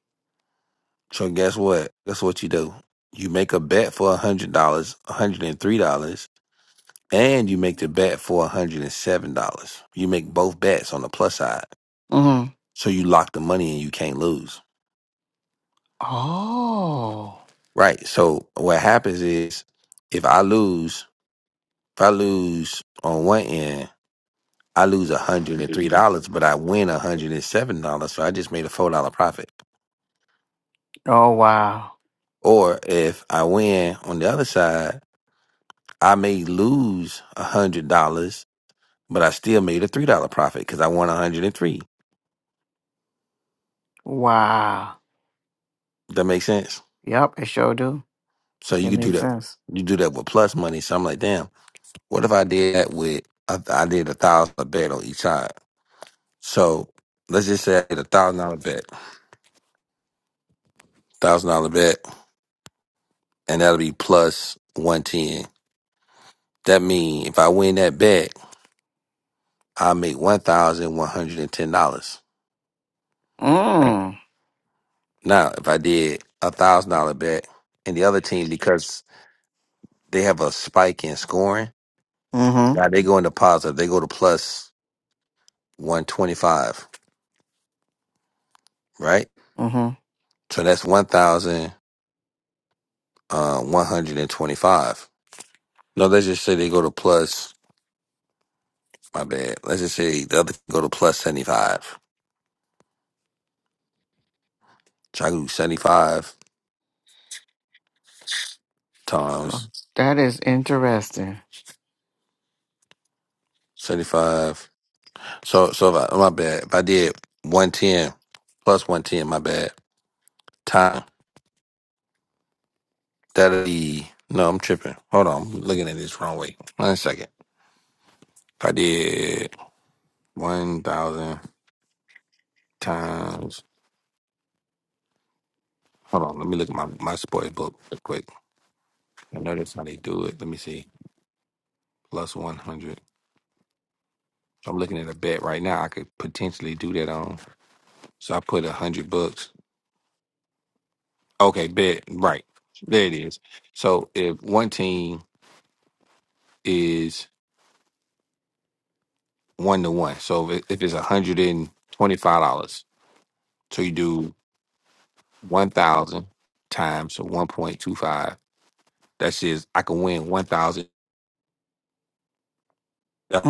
A: So guess what? Guess what you do? You make a bet for a hundred dollars, a hundred and three dollars, and you make the bet for a hundred and seven dollars. You make both bets on the plus side.
B: Mm-hmm.
A: So you lock the money and you can't lose.
B: Oh.
A: Right. So what happens is if I lose, if I lose on one end, I lose a hundred and three dollars, but I win a hundred and seven dollars. So I just made a four dollar profit.
B: Oh wow.
A: Or if I win on the other side, I may lose $100 but I still made a three dollar profit because I won 103.
B: Wow.
A: That makes sense.
B: Yep. It sure do.
A: So you
B: It
A: could do
B: makes
A: that.
B: sense.
A: You do that with plus money. So I'm like, damn, what if I did that with I I did a thousand dollar bet on each side. So let's just say I did a thousand dollar bet, thousand dollar bet, and that'll be plus one ten. That mean if I win that bet, I make one thousand one hundred and ten dollars.
B: Mm.
A: Now if I did a thousand dollar bet and the other team because they have a spike in scoring Now
B: Mm-hmm.
A: they go into positive. They go to plus one twenty five, right?
B: Mm-hmm.
A: So that's one thousand uh one hundred and twenty five. No, let's just say they go to plus my bad. Let's just say the other go to plus seventy five. So I do seventy five times
B: That is interesting.
A: seventy five. So so if I, oh, my bad. If I did one ten plus one ten, my bad. Time that'll be no, I'm tripping. Hold on, I'm looking at this wrong way. One second. If I did one thousand times Hold on, let me look at my my sports book real quick. I know that's how they do it. Let me see. Plus one hundred. I'm looking at a bet right now. I could potentially do that on. So I put a hundred bucks. Okay, bet right. There it is. So if one team is one to one, so if, it- if it's a hundred and twenty five dollars, so you do one thousand times so one point two five. That says I can win one thousand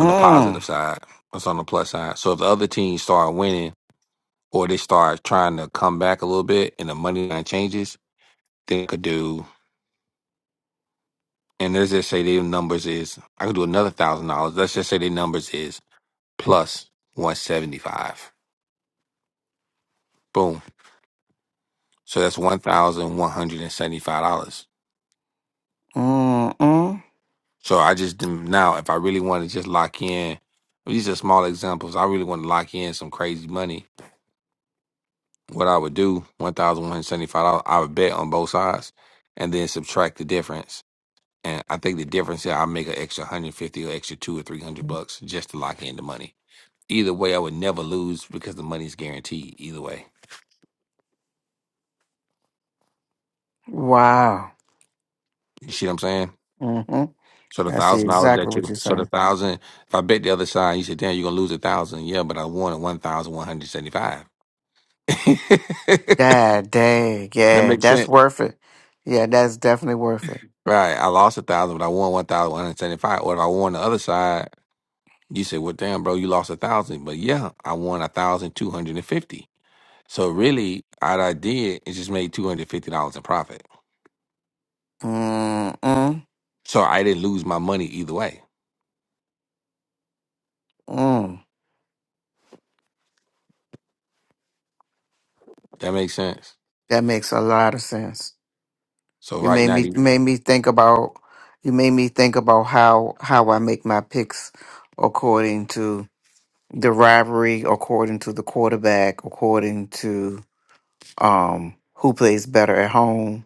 A: on the positive side. That's on the plus side. So if the other team start winning or they start trying to come back a little bit and the money line changes, then I could do, and let's just say their numbers is, I could do another thousand dollars. Let's just say their numbers is plus 175. Boom. So that's $1,175.
B: mm, mm.
A: So I just, didn't- now if I really want to just lock in, these are small examples. I really want to lock in some crazy money. What I would do, $1,175, I would bet on both sides and then subtract the difference And I think the difference is I make an extra 150 or extra two or 300 bucks just to lock in the money. Either way, I would never lose because the money's guaranteed either way.
B: Wow.
A: You see what I'm saying?
B: Mm hmm
A: So the
B: I see
A: thousand dollars
B: exactly
A: that
B: what
A: you,
B: you're
A: so the
B: saying.
A: thousand, if I bet the other side, you said, damn, you're going to lose a thousand. Yeah, but I won at 1,175. [laughs]
B: God dang.
A: that
B: Yeah,
A: makes
B: that's
A: sense.
B: worth it. Yeah, that's definitely worth it.
A: Right. I lost a thousand, but I won 1,175. Or if I won the other side, you say well, damn, bro, you lost a thousand. But yeah, I won a 1,250. So really, all I did is just made two hundred fifty dollars in profit.
B: Mm, mm,
A: So I didn't lose my money either way.
B: mm.
A: That makes sense.
B: That makes a lot of sense.
A: So
B: You
A: right
B: made
A: now,
B: me
A: you.
B: you made me think about you made me think about how how I make my picks according to the rivalry, according to the quarterback, according to um who plays better at home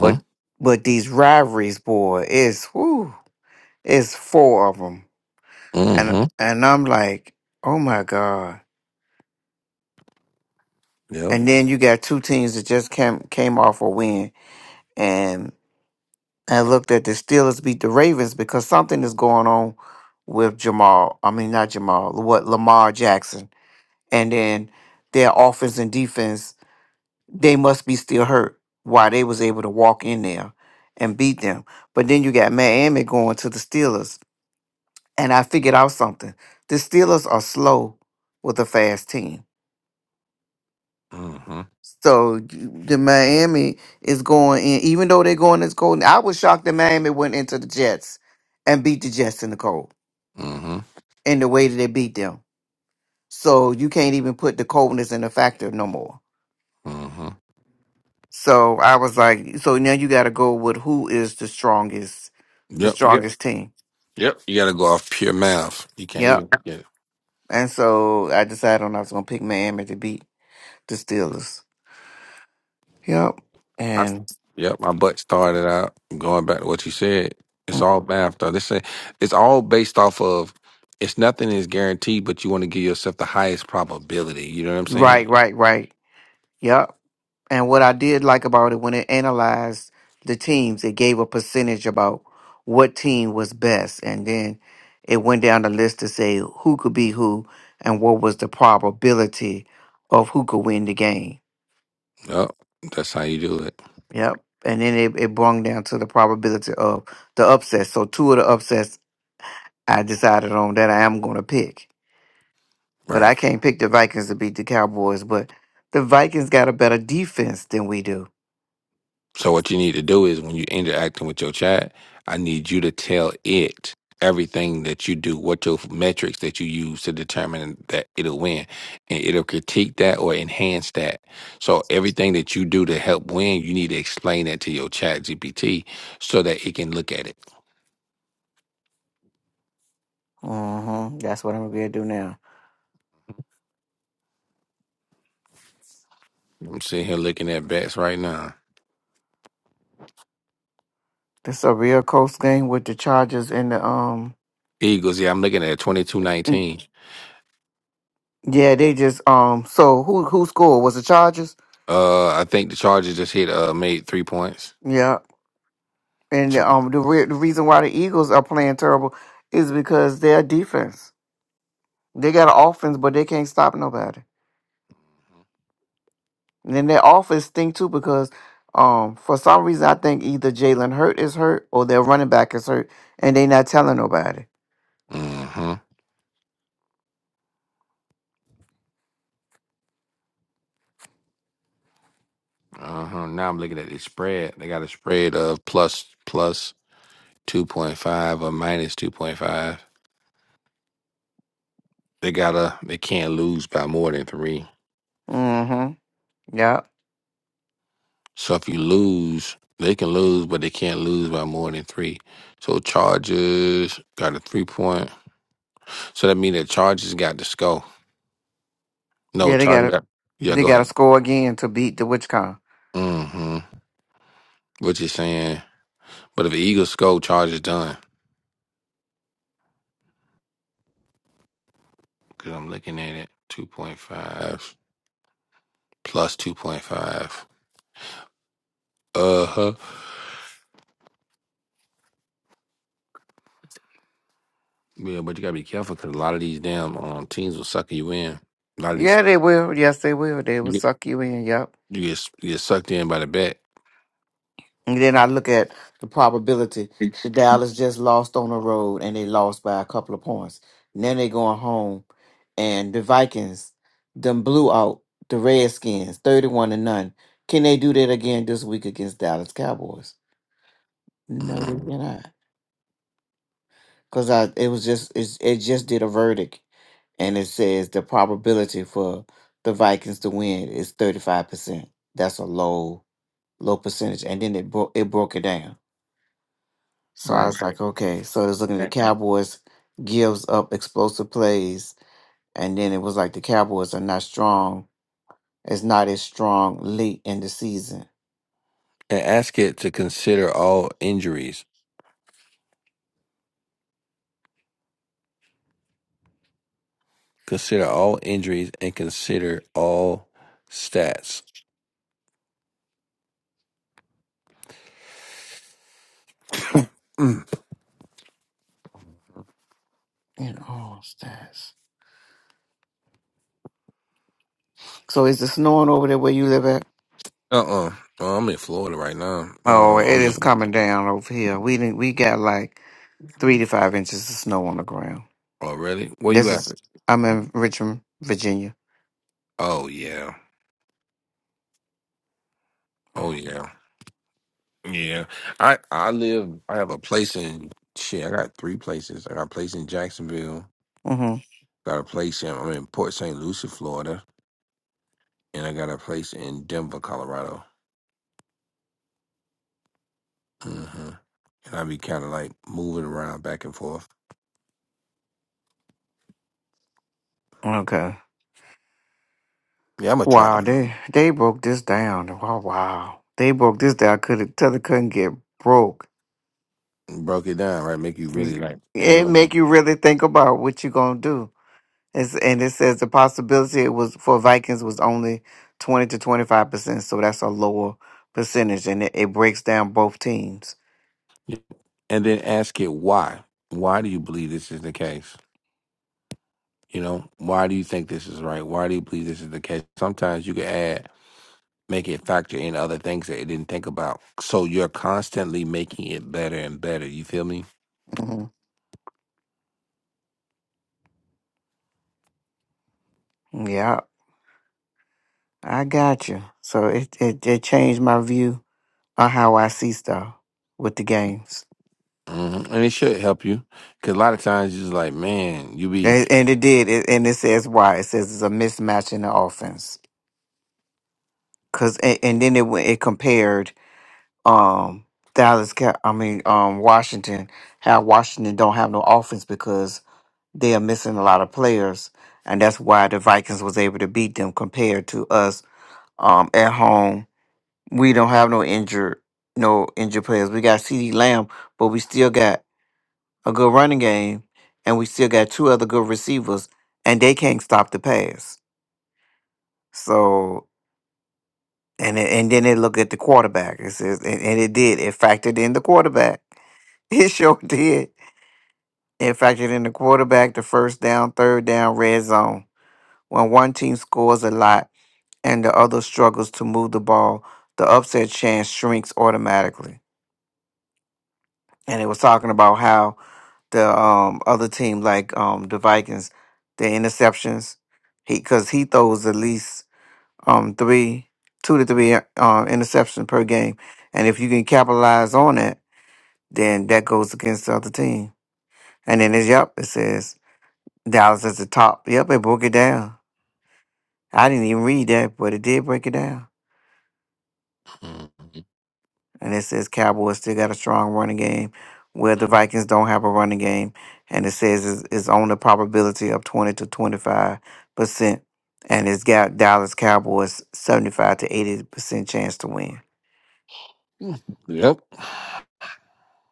B: But but these rivalries, boy, it's whoo, it's four of them, and
A: Mm-hmm.
B: and I'm like, oh my god.
A: Yep.
B: And then you got two teams that just came came off a win, and I looked at the Steelers beat the Ravens because something is going on with Jamal. I mean, not Jamal. What Lamar Jackson, and then their offense and defense, they must be still hurt. Why they was able to walk in there and beat them. But then you got Miami going to the Steelers and I figured out something. The Steelers are slow with a fast team.
A: Mm-hmm.
B: So the Miami is going in, even though they're going as cold. I was shocked that Miami went into the Jets and beat the Jets in the cold
A: Mm-hmm.
B: in the way that they beat them. So you can't even put the coldness in the factor no more.
A: Mm-hmm.
B: So I was like, so now you got to go with who is the strongest, the
A: Yep. Yep.
B: strongest team.
A: Yep. You got to go off pure math. You can't
B: Yep.
A: even.
B: And so I decided on I was going to pick Miami to beat the Steelers. Yep.
A: I,
B: And
A: yep, my butt started out going back to what you said. It's
B: mm.
A: all math, though. This ain't- it's all based off of. It's nothing is guaranteed, but you want to give yourself the highest probability. You know what I'm saying?
B: Right, right, right. Yep. And what I did like about it when it analyzed the teams, it gave a percentage about what team was best. And then it went down the list to say who could be who and what was the probability of who could win the game.
A: Yep, that's how you do it.
B: Yep. And then it, it brung down to the probability of the upsets. So two of the upsets I decided on that I am gonna pick. But I
A: Right.
B: can't pick the Vikings to beat the Cowboys, but the Vikings got a better defense than we do.
A: So what you need to do is when you're interacting with your chat, I need you to tell it everything that you do, what your metrics that you use to determine that it'll win. And it'll critique that or enhance that. So everything that you do to help win, you need to explain that to your chat GPT so that it can look at it.
B: Mm-hmm. That's what I'm gonna do now.
A: I'm sitting here looking at bets right now.
B: This is a real close game with the Chargers and the um.
A: Eagles, yeah, I'm looking at twenty two
B: mm,
A: nineteen.
B: Yeah, they just um. So who who scored was the Chargers?
A: Uh I think the Chargers just hit uh made three points.
B: Yeah, and
A: So,
B: um the re- the reason why the Eagles are playing terrible is because their defense. They got an offense, but they can't stop nobody. And then their offense stink too because um for some reason I think either Jalen Hurt is hurt or their running back is hurt, and they not telling nobody.
A: Mm-hmm. Uh huh. Now I'm looking at the spread. They got a spread of plus plus two point five or minus two point five. They gotta they can't lose by more than three.
B: Mm-hmm. Yeah.
A: So if you lose, they can lose, but they can't lose by more than three. So Chargers got a three point. So that means that Chargers got the score. No,
B: Yeah, they got
A: Chargers
B: to
A: got yeah.
B: They
A: Go
B: got to
A: ahead.
B: score again to beat the Witchcon.
A: Mm-hmm. What you saying? But if the Eagles score, Chargers done. Cause I'm looking at it two point five plus two point five. Uh huh. Yeah, but you gotta be careful because a lot of these damn um, teams will sucker you in. A lot of these
B: Yeah, they will. Yes, they will. They
A: you
B: will
A: get
B: suck you in. Yep.
A: you get, you get sucked in by the bet.
B: And then I look at the probability. The Dallas just lost on the road and they lost by a couple of points. And then they going home and the Vikings them blew out the Redskins 31 to none. Can they do that again this week against Dallas Cowboys? No, they
A: Mhm.
B: cannot. Cause I it was just it's, it just did a verdict and it says the probability for the Vikings to win is 35%. That's a low low percentage, and then it broke it broke it down. So I
A: Right.
B: was like, okay. So it was looking at the
A: And
B: Cowboys gives up explosive plays, and then it was like the Cowboys are not strong. It's not as strong late in the season.
A: and ask it to consider all injuries. Consider all injuries and consider all stats.
B: And all stats. So is it snowing over there where you live at?
A: Uh uh Oh, I'm in Florida right now.
B: Oh,
A: Um,
B: it
A: I'm
B: is
A: looking.
B: coming down over here. We didn't. We got like three to five inches of snow on the ground.
A: Oh, really? Where
B: This
A: you at?
B: is. I'm in Richmond, Virginia.
A: Oh yeah. Oh yeah. Yeah. I I live. I have a place in shit. I got three places. I got a place in Jacksonville.
B: Mm-hmm.
A: Got a place in I'm in Port St. Lucie, Florida, and I got a place in Denver, Colorado. hmm And I be kind of like moving around back and forth.
B: Okay.
A: Yeah, I'm a trap.
B: Wow, they they broke this down. Wow, wow, they broke this down. Could tell it couldn't get broke.
A: Broke it down, right? Make you really like
B: It
A: analyze,
B: make you really think about what you gonna do. It's, and it says the possibility it was for Vikings was only twenty to twenty five percent, so that's a lower percentage, and it, it breaks down both teams.
A: and then ask it why. Why do you believe this is the case? You know, why do you think this is right? Why do you believe this is the case? Sometimes you can add, make it factor in other things that it didn't think about. So you're constantly making it better and better. You feel me?
B: hmm Yeah, I got you. So it, it it changed my view on how I see stuff with the games,
A: hmm And it should help you because a lot of times you're just like, man, you be,
B: and, and it did. It, and it says why. It says it's a mismatch in the offense. Cause and, and then it went- it compared um Dallas. Ca- I mean um Washington. How Washington don't have no offense because they are missing a lot of players, and that's why the Vikings was able to beat them compared to us um at home. We don't have no injured no injured players. We got C.D. Lamb, but we still got a good running game, and we still got two other good receivers, and they can't stop the pass. So and it, and then they look at the quarterback. It says and, and it did. It factored in the quarterback. [laughs] It sure did. It factored in the quarterback, the first down, third down, red zone. When one team scores a lot and the other struggles to move the ball, the upset chance shrinks automatically. And it was talking about how the um other team like um the Vikings, the interceptions. He because he throws at least um three, two to three uh, interceptions per game, and if you can capitalize on it, then that goes against the other team. And then it's yep, it says Dallas at the top. Yep, it broke it down. I didn't even read that, but it did break it down.
A: Mhm.
B: And it says Cowboys still got a strong running game where the Vikings don't have a running game. And it says it's, it's on the probability of 20 to 25%. And it's got Dallas Cowboys 75 to 80% chance to win.
A: yep,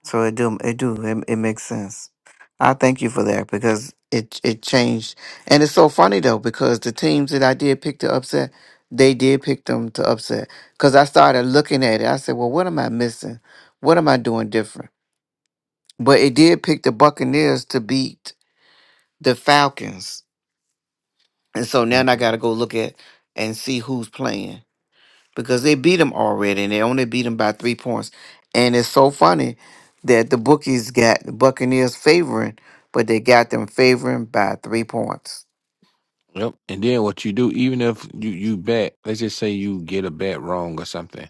B: So it do it do it, it makes sense. I thank you for that because it it changed. And it's so funny though because the teams that I did pick to upset, they did pick them to upset. Cuz I started looking at it. I said, "Well, what am I missing? What am I doing different?" But it did pick the Buccaneers to beat the Falcons. And so now
A: Mhm.
B: I got to go look at and see who's playing because they beat them already and they only beat them by three points. And it's so funny that the bookies got the Buccaneers favoring, but they got them favoring by three points.
A: yep. And then what you do, even if you you bet, let's just say you get a bet wrong or something,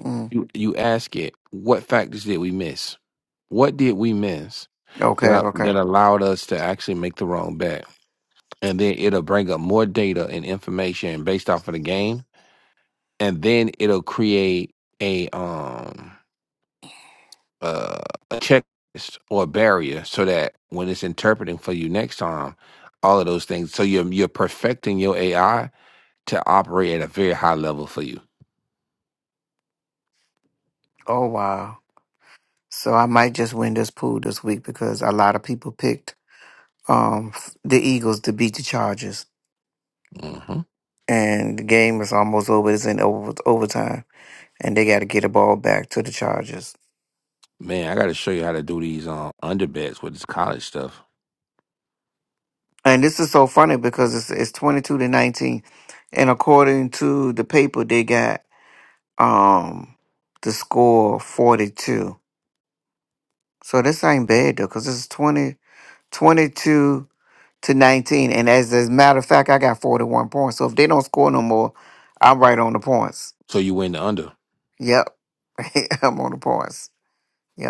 B: Mm.
A: you you ask it, what factors did we miss? What did we miss
B: Okay,
A: that
B: okay.
A: that allowed us to actually make the wrong bet? And then it'll bring up more data and information based off of the game, and then it'll create a um uh, a checklist or a barrier so that when it's interpreting for you next time, all of those things. So you're you're perfecting your AI to operate at a very high level for you.
B: Oh, wow. So I might just win this pool this week because a lot of people picked um, the Eagles to beat the Chargers.
A: hmm
B: And the game is almost over. It's in over, overtime. and they got to get the ball back to the Chargers.
A: Man, I got to show you how to do these um, underbets with this college stuff.
B: And this is so funny because it's it's twenty two to nineteen, and according to the paper, they got um the score forty two. So this ain't bad though, because it's 20 22 to nineteen. And as as a matter of fact, I got forty one points. So if they don't score no more, I'm right on the points.
A: So you win the under.
B: Yep, [laughs] I'm on the points.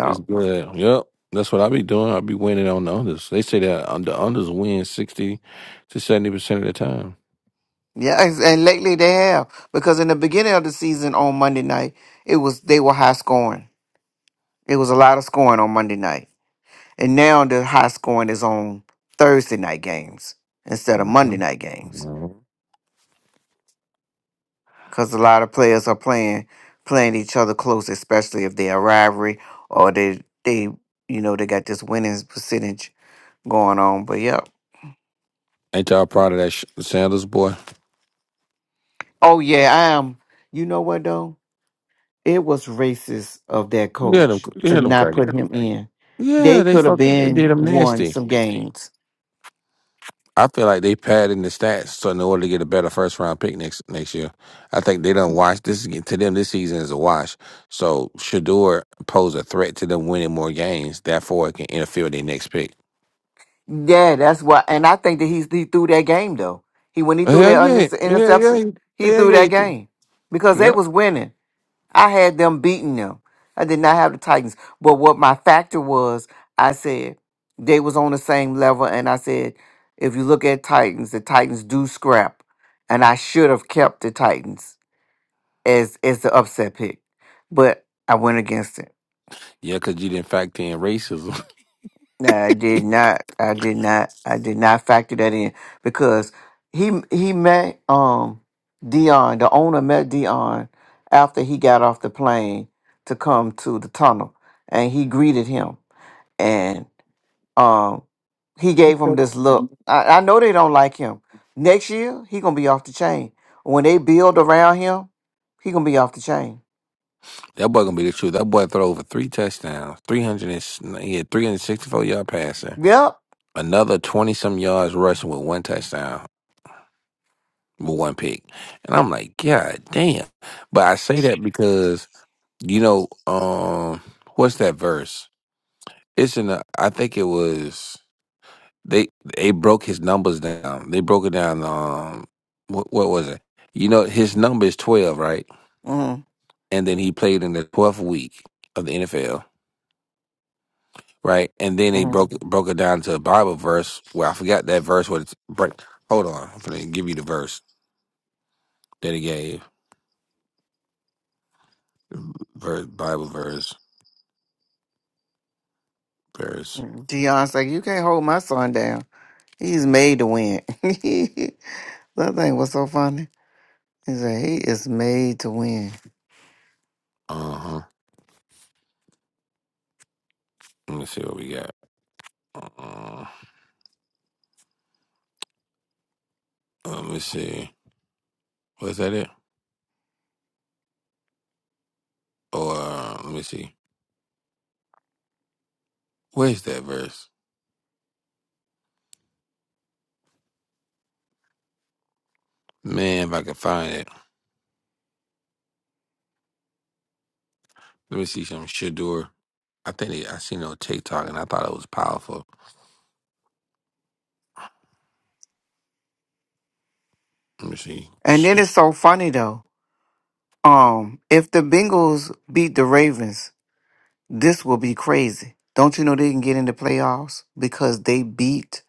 A: It's good. Yep. That's what I be doing. I be winning on the unders. They say that um, the unders win 60 to 70% of the time.
B: Yeah, and and lately they have because in the beginning of the season on Monday night it was they were high scoring It was a lot of scoring on Monday night. And now the high scoring is on Thursday night games instead of Monday
A: Mhm.
B: night games.
A: Mhm.
B: Cause a lot of players are playing playing each other close, especially if they're a rivalry or they they you know, they got this winning percentage going on. But yeah.
A: Ain't y'all proud of that sh- Sanders boy?
B: Oh yeah, I am you know what though? It was racist of that
A: Yeah, them,
B: coach to
A: yeah,
B: not
A: them
B: put him in. They
A: Yeah, they
B: could have
A: fucked. They
B: been
A: did them
B: won
A: nasty.
B: some games.
A: I feel like they padding the stats so in order to get a better first round pick next next year. I think they don't watch this is- to them. This season is a wash. So Shador pose a threat to them winning more games. Therefore, it can interfere with their next pick.
B: Yeah, that's why. And I think that he's he threw that game though. He when he threw
A: Hell
B: that un-
A: yeah, yeah, yeah,
B: interception, he
A: yeah,
B: threw
A: yeah.
B: that
A: you think-
B: game because they
A: Yep.
B: was winning. I had them beating them. I did not have the Titans, but what my factor was, I said they was on the same level, and I said if you look at Titans, the Titans do scrap, and I should have kept the Titans as as the upset pick, but I went against it.
A: Yeah, because you didn't factor in racism.
B: No, I did not. I did not. I did not factor that in because he he met um Dion. The owner met Dion after he got off the plane to come to the tunnel, and he greeted him, and um he gave him this
A: [laughs]
B: look. I, I know they don't like him. Next year he gonna be off the chain. When they build around him, he gonna be off the chain.
A: that boy gonna be the truth. That boy throw over three touchdowns, three hundred and s- he had three hundred sixty four yard passing,
B: Yep.
A: another twenty some yards rushing with one touchdown. with one pick. And I'm like, God damn. But I say that because, you know, um, what's that verse? It's in the I think it was they they broke his numbers down. They broke it down um what what was it? You know, his number is twelve, right?
B: Mm-hmm.
A: And then he played in the twelfth week of the NFL, right? And then they broke broke it down to a Bible verse where I forgot that verse what it's break hold on, I'm gonna give you the verse that he gave. Verse Bible verse verse.
B: Dion's like, you can't hold my son down. He's made to win. [laughs] that thing was so funny. He said he is made to win.
A: Uh huh. Let me see what we got. Uh, let me see. Was that it? Or uh, let me see. Where's that verse? Man, if I can find it. Let me see some Shadur. I think it, I seen it on TikTok and I thought it was powerful. Let me see.
B: And then it's so funny though. Um, if the Bengals beat the Ravens, this will be crazy. Don't you know they can get in the playoffs because they beat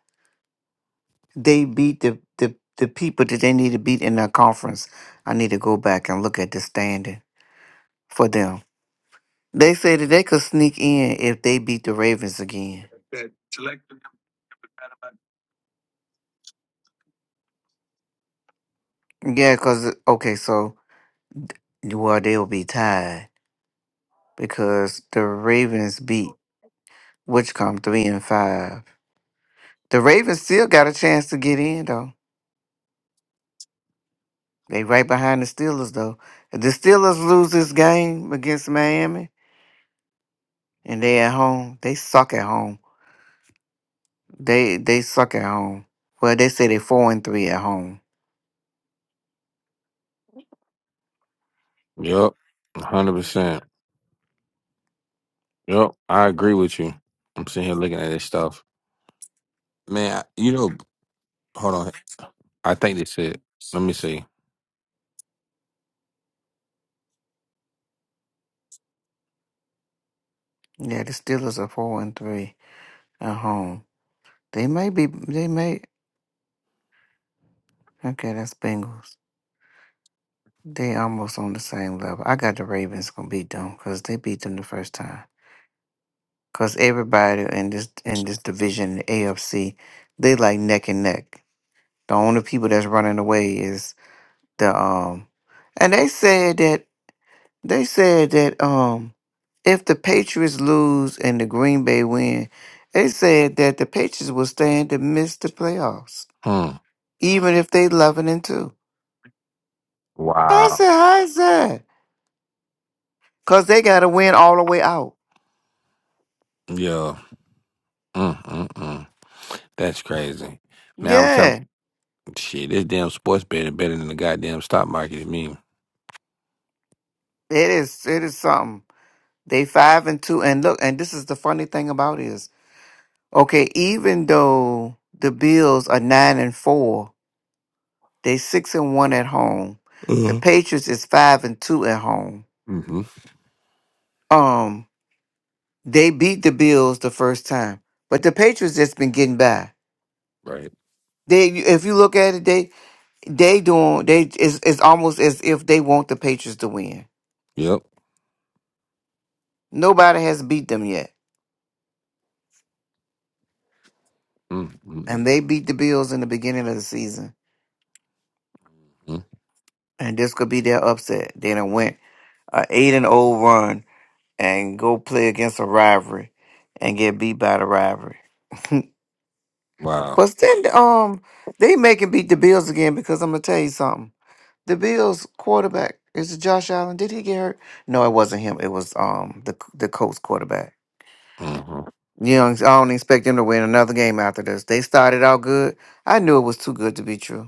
B: they beat the the, the people that they need to beat in their conference. I need to go back and look at the standing for them. They said that they could sneak in if they beat the Ravens again. Yeah, cause okay, so well they'll be tied. because the Ravens beat Wichcomb three and five. The Ravens still got a chance to get in though. They right behind the Steelers though. If the Steelers lose this game against Miami and they at home, they suck at home. They they suck at home. Well, they say they four and three at home.
A: Yup, hundred percent. Yup, I agree with you. I'm sitting here looking at this stuff, man. I- You know, hold on. I think this it. Let me see.
B: Yeah, the Steelers are four and three at home. They may be. They may. Okay, that's Bengals. They almost on the same level. I got the Ravens gonna beat them because they beat them the first time. Cause everybody in this in this division, the AFC, they like neck and neck. The only people that's running away is the um and they said that they said that um if the Patriots lose and the Green Bay win, they said that the Patriots will stand to miss the playoffs.
A: Hmm.
B: Even if they eleven and two. I
A: Wow.
B: said, how is that? Cause they gotta win all the way out.
A: Yeah. Mm, mm, mm. That's crazy, man. I was telling.
B: Yeah.
A: Shit, this damn sports betting better than the goddamn stock market. I mean,
B: It is it is something. They five and two and look and this is the funny thing about it is Okay, even though the Bills are nine and four, they six and one at home. The
A: hmm
B: Patriots is five and two at home.
A: mm-hmm.
B: Um, they beat the Bills the first time, but the Patriots just been getting by.
A: right?
B: They, if you look at it, they they doing they it's, it's almost as if they want the Patriots to win.
A: Yep.
B: Nobody has beat them yet, and
A: Mm-hmm.
B: they beat the Bills in the beginning of the season, and this could be their upset. They done went a eight and 0 run and go play against a rivalry and get beat by the rivalry. [laughs]
A: Wow.
B: but then um they make and beat the Bills again because I'm gonna tell you something. The Bills quarterback is it Josh Allen. Did he get hurt? No, it wasn't him. It was um the the Colts quarterback.
A: Mm-hmm.
B: You know I don't expect them to win another game after this. They started out good. I knew it was too good to be true.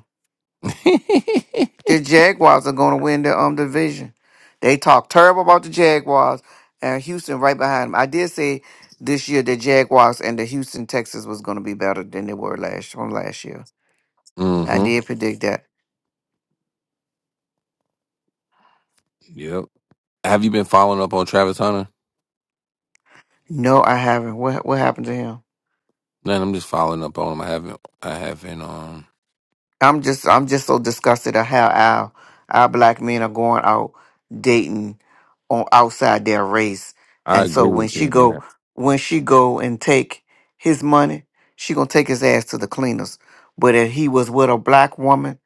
B: The Jaguars are going to win the um division. They talk terrible about the Jaguars and Houston right behind them. I did say this year the Jaguars and the Houston Texas was going to be better than they were last from last year.
A: [laughs]
B: I
A: mm-hmm.
B: did predict that.
A: Yep. Have you been following up on Travis Hunter?
B: No, I haven't. What what happened to him?
A: Man, I'm just following up on him. I haven't. I haven't. Um,
B: I'm just I'm just so disgusted at how our our black men are going out dating on outside their race.
A: I
B: And so
A: agree
B: when
A: with you
B: she
A: on
B: go
A: that.
B: when she go and take his money, she gonna take his ass to the cleaners. But if he was with a black woman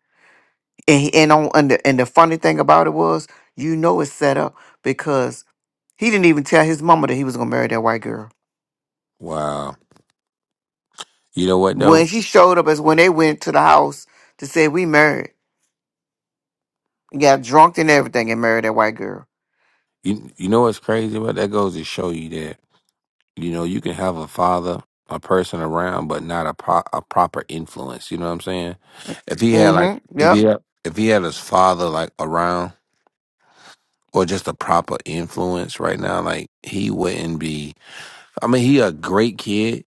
B: and he, and on and the, and the funny thing about it was, you know it's set up because he didn't even tell his mama that he was gonna marry that white girl.
A: Wow. You know what though?
B: When she showed up is when they went to the house to say we married. Got drunk and everything and married that white girl.
A: You you know what's crazy? But that goes to show you that. You know, you can have a father, a person around, but not a pro- a proper influence. You know what I'm saying? If he had like,
B: Mm-hmm.
A: if he
B: Yep.
A: had, if he had his father like around, or just a proper influence right now, like he wouldn't be. I mean, he a great kid,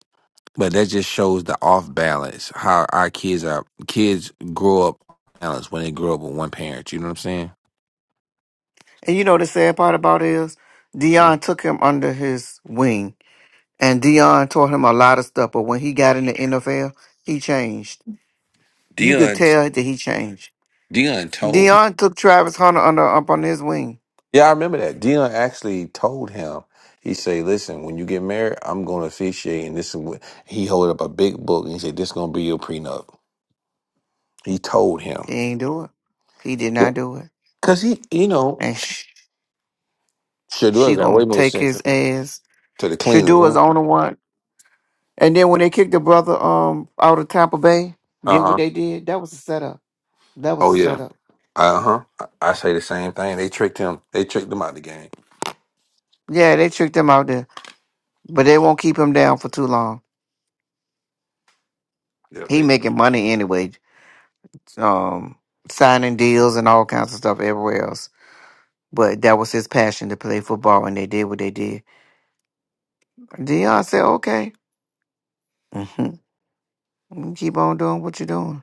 A: but that just shows the off balance how our kids are. Kids grow up balanced when they grow up with one parent. You know what I'm saying?
B: And you know the sad part about it is Dion took him under his wing and Dion taught him a lot of stuff, but when he got in the NFL, he changed. You could
A: Dion,
B: tell that he changed.
A: Dion told
B: Dion took Travis Hunter under up on his wing.
A: Yeah, I remember that. Dion actually told him, he said, Listen, when you get married, I'm gonna officiate and this is what he held up a big book and he said, This is gonna be your prenup. He told him.
B: He ain't do it. He did
A: Yeah.
B: not do it.
A: Cause he you know,
B: And sh- she
A: Shadur got way
B: gonna
A: more
B: take
A: sense
B: his ass.
A: to the
B: Should
A: cleaner,
B: do his
A: huh?
B: own one. And then when they kicked the brother um out of Tampa Bay, did what
A: Uh-huh.
B: they did. That was a setup. That was
A: Oh
B: a
A: yeah.
B: setup.
A: Uh-huh. I, I say the same thing. They tricked him. They tricked him out of the game.
B: Yeah, they tricked him out there. But they won't keep him down for too long.
A: Yeah,
B: He
A: they
B: making money anyway, um, signing deals and all kinds of stuff everywhere else. But that was his passion to play football, and they did what they did. Dion said, "Okay, hmm keep on doing what you're doing,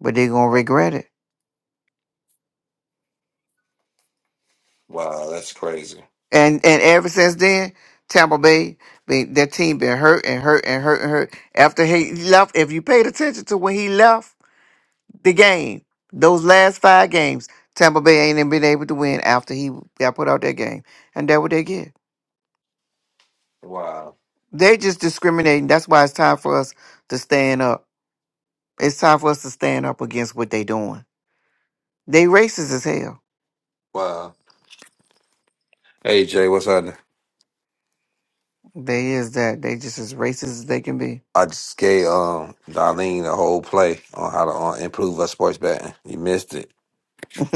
B: but they're gonna regret it."
A: Wow, that's crazy.
B: And and ever since then, Tampa Bay, been- their team been hurt and hurt and hurt and hurt. After he left, if you paid attention to when he left. the game. Those last five games, Tampa Bay ain't even been able to win after he got put out that game. And that what they get.
A: Wow.
B: They just discriminating. That's why it's time for us to stand up. It's time for us to stand up against what they doing. They racist as hell.
A: Wow. Hey Jay, what's up?
B: They is that. They just as racist as they can be.
A: I just gave um Darlene the whole play on how to uh, improve her sports betting. You missed it.
B: [laughs]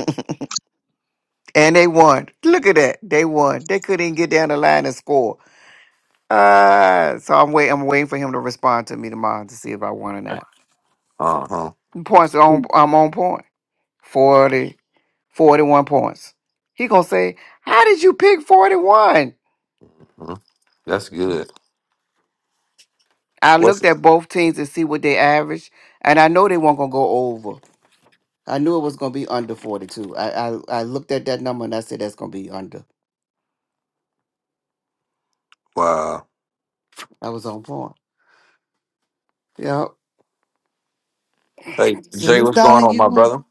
B: and they won. Look at that. They won. They couldn't even get down the line and score. Uh so I'm wait I'm waiting for him to respond to me tomorrow to see if I won or not.
A: Uh huh.
B: Points are on I'm on point. 40, 41 points. He gonna say, "How did you pick 41?"
A: hmm That's good.
B: I
A: What's
B: looked at both teams and see what they averaged, and I know they weren't gonna go over. I knew it was gonna be under 42. I I, I looked at that number and I said that's gonna be under.
A: wow?
B: I was on point. Yep.
A: Hey
B: So
A: Jay,
B: Miss
A: what's going
B: Darling,
A: on,
B: you
A: my
B: won.
A: brother?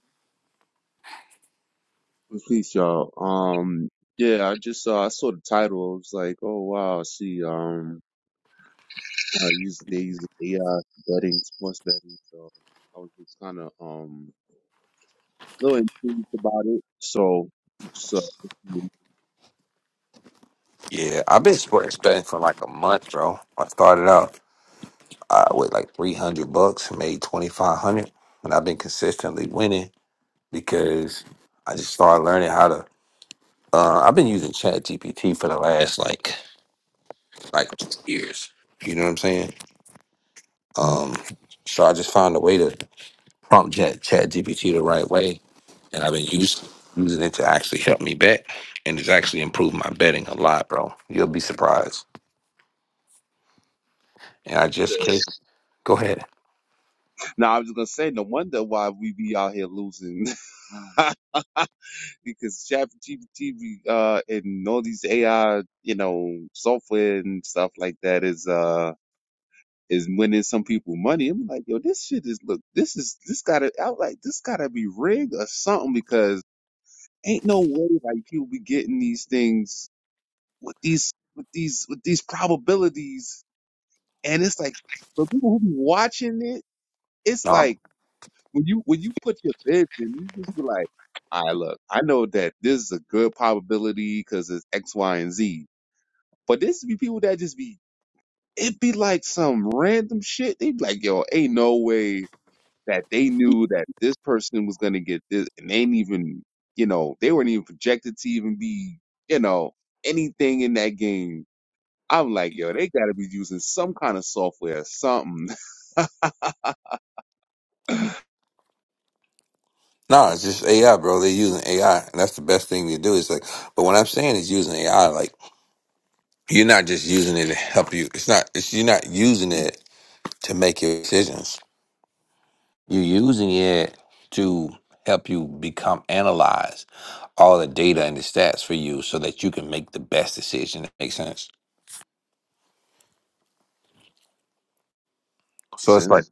D: Please y'all. Um, yeah, I just saw I saw the title. I was like, oh wow, I see, um, I use they use AI betting, sports betting. So I was just kind of um a little intrigued about it. So just uh,
A: Yeah, I've been sports betting for like a month, bro. I started out uh, with like three hundred bucks, made twenty five hundred, and I've been consistently winning because I just started learning how to. Uh, I've been using Chat GPT for the last like like years. You know what I'm saying? Um, so I just found a way to prompt Chat ChatGPT the right way, and I've been using using it to actually help me bet, and it's actually improved my betting a lot, bro. You'll be surprised. And I just can't. Go ahead.
D: now I was gonna say no wonder why we be out here losing [laughs] because ChatGPT uh and all these AI you know software and stuff like that is uh. is winning some people money. I'm like, yo, this shit is look, this is this gotta I was like this gotta be rigged or something because ain't no way like people be getting these things with these with these with these probabilities. And it's like for people who be watching it, it's
A: No,
D: like when you when you put your bids in, you just be like, all right, look, I know that this is a good probability because it's X, Y, and Z. But this be people that just be it be like some random shit. They be like, yo, ain't no way that they knew that this person was going to get this and they ain't even you know they weren't even projected to even be you know anything in that game i'm like yo they got to be using some kind of software or something [laughs]
A: No, it's just AI, bro. They're using AI, and that's the best thing to do. It's like, but what I'm saying is using AI. Like, you're not just using it to help you. It's not. It's you're not using it to make your decisions. You're using it to help you become analyze all the data and the stats for you so that you can make the best decision that makes sense.
D: Makes
A: So it's like,
D: sense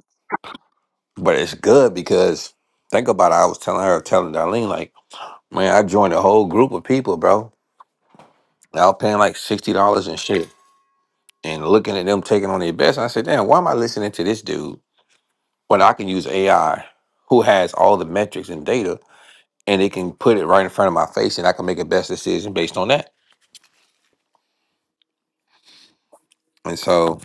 A: but it's good because think about it. I was telling her, telling Darlene, like, man, I joined a whole group of people, bro. They all paying like $60 and shit and looking at them taking on their best. I said, damn, why am I listening to this dude when I can use AI who has all the metrics and data and it can put it right in front of my face and I can make a best decision based on that? And so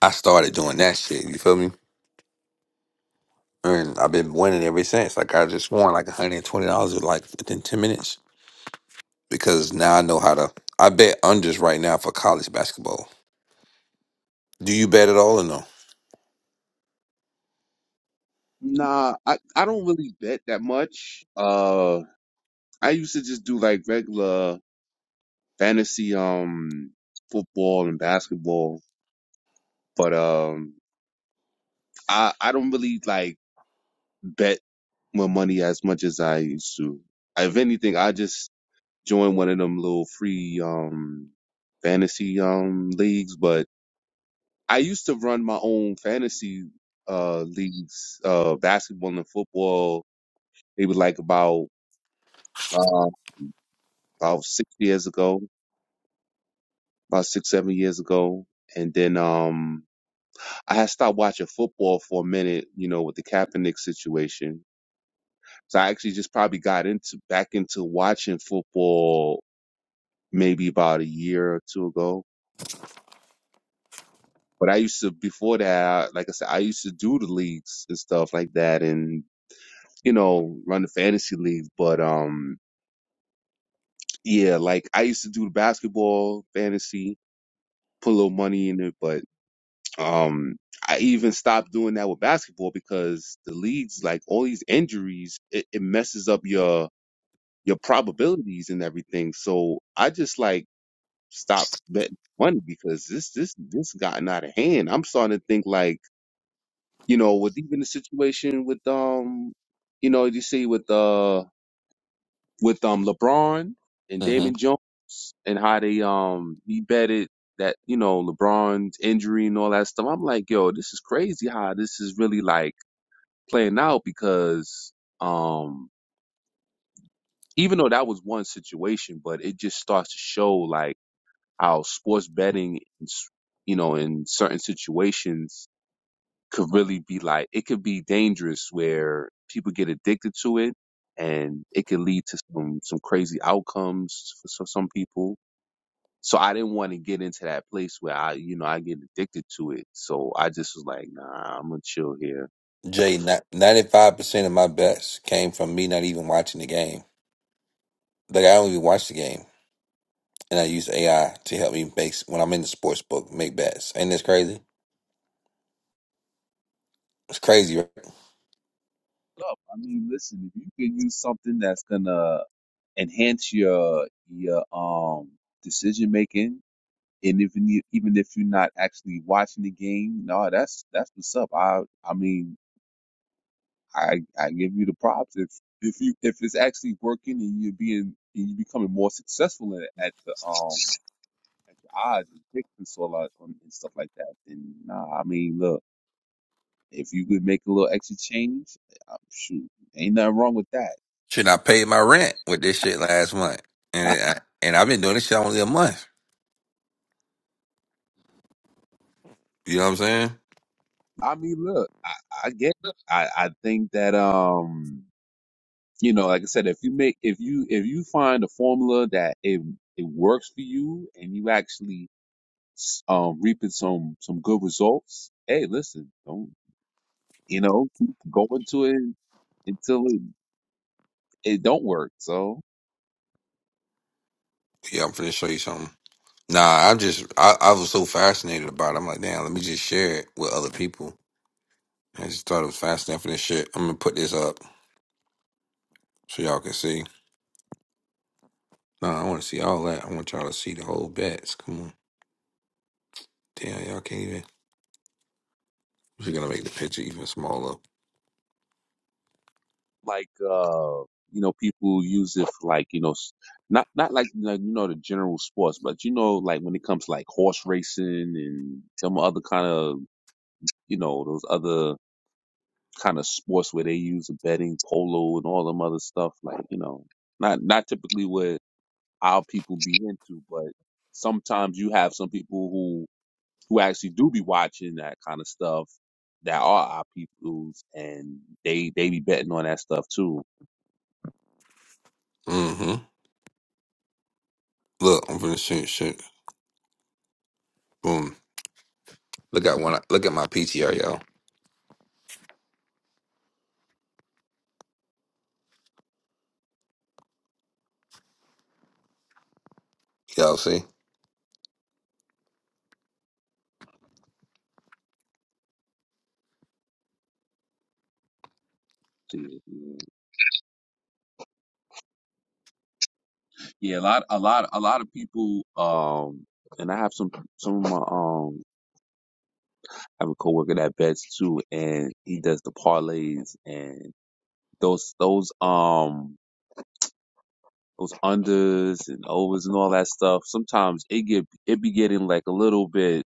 A: I started doing that shit. You feel me? And I've been winning ever since. Like I just won like one hundred and twenty dollars like within ten minutes because now I know how to. I bet unders right now for college basketball. Do you bet at all or no?
D: nah i i don't really bet that much uh i used to just do like regular fantasy um football and basketball but um i i don't really like bet my money as much as i used to if anything i just join one of them little free um fantasy um leagues, but I used to run my own fantasy uh leagues, uh basketball and football, maybe like about uh about six years ago, about six, seven years ago. And then um I had stopped watching football for a minute, you know, with the Kaepernick situation. So I actually just probably got into back into watching football maybe about a year or two ago But I used to before that, like I said, I used to do the leagues and stuff like that, and you know, run the fantasy league. But um, yeah, like I used to do the basketball fantasy, put a little money in it. But um, I even stopped doing that with basketball because the leagues, like all these injuries, it, it messes up your your probabilities and everything. So I just like stopped betting money because this this this gotten out of hand. I'm starting to think like. you know, with even the situation with um, you know, you see with uh with um LeBron and Damon
A: Mm-hmm.
D: Jones and how they um he betted that you know LeBron's injury and all that stuff. I'm like, yo, this is crazy how this is really like playing out because um even though that was one situation, but it just starts to show like how sports betting, is, you know, in certain situations could really be like it could be dangerous where people get addicted to it and it could lead to some some crazy outcomes for so- some people so i didn't want to get into that place where i you know i get addicted to it so i just was like nah i'm gonna chill here
A: Jay, ninety five percent of my bets came from me not even watching the game. Like I don't even watch the game, and I use AI to help me make when I'm in the sports book make bets. Ain't this crazy? It's crazy. Right?
D: Up. I mean, listen, if you can use something that's gonna enhance your your um decision making, and if you need- even if you're not actually watching the game, no, that's that's what's up. I I mean. I I give you the props if if you if it's actually working and you're being and you're becoming more successful at, at the um at the odds and picks and so a lot on- and stuff like that. Then nah, I mean look, if you could make a little extra change, uh, shoot, ain't nothing wrong with that.
A: Shit, I paid my rent with this shit last month, and
D: [laughs]
A: it, I, and I've been doing this shit only a month. You know what I'm saying?
D: I mean look, I, I get, I I think that um you know like I said, if you make if you if you find a formula that it it works for you and you actually um, reaping some some good results, hey, listen, don't you know, keep going to it until it, it don't work. So
A: Yeah, I'm finna show you something. Nah, I just I, I was so fascinated about it. I'm like, damn, let me just share it with other people. I just thought it was fascinating for this shit. I'm gonna put this up so y'all can see. Nah, I wanna see all that. I want y'all to see the whole bats. Come on. Damn, y'all can't even we're gonna make the picture even smaller.
D: like uh, you know, people use it for like you know, s- not not like like, you know the general sports, but you know like when it comes to like horse racing and some other kind of you know those other kind of sports where they use the betting polo and all them other stuff. Like you know, not not typically what our people be into, but sometimes you have some people who who actually do be watching that kind of stuff that are our peoples and they they be betting on that stuff too.
A: Mm-hmm. Look, I'm finna shoot shit. Boom. Look at one look at my PTR, y'all. Y'all see?
D: Yeah, a lot a lot a lot of people um and I have some some of my um I have a coworker that bets too and he does the parlays and those those um those unders and overs and all that stuff, sometimes it get it be getting like a little bit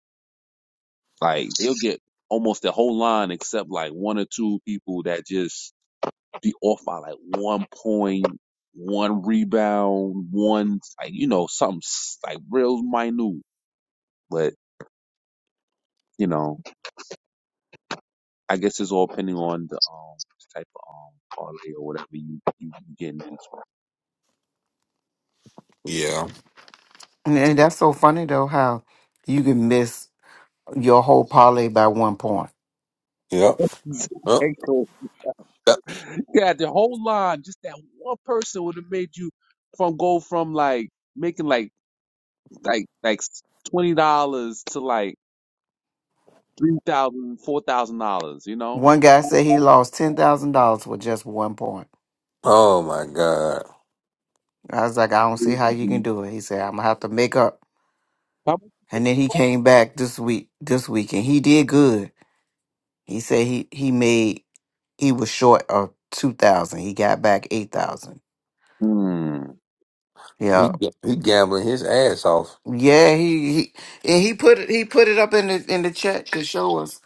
D: like they'll get almost the whole line except like one or two people that just be off by like one point, one rebound, one like you know something s- like real minute. But you know, I guess it's all depending on the um type of um parlay or whatever you you you getting into.
A: Yeah.
B: And and that's so funny though how you can miss. your whole parlay by one point.
A: Yep. Yep.
D: [laughs] Cool.
A: Yep.
D: yeah, the whole line, just that one person would have made you from go from like making like like like twenty dollars to like three thousand, four thousand dollars. You know.
B: One guy said he lost ten thousand dollars with just one point.
A: Oh my god.
B: I was like, I don't see how you can
D: Mhm.
B: do it. He said, I'm gonna have to make up.
D: How much?
B: And then he came back this week, this week, and he did good. He said he he made He was short of two thousand. He got back eight thousand.
D: Hmm.
A: He
B: Yeah,
A: he gambling his ass off.
B: yeah. He he and he put it he put it up in the in the chat to show us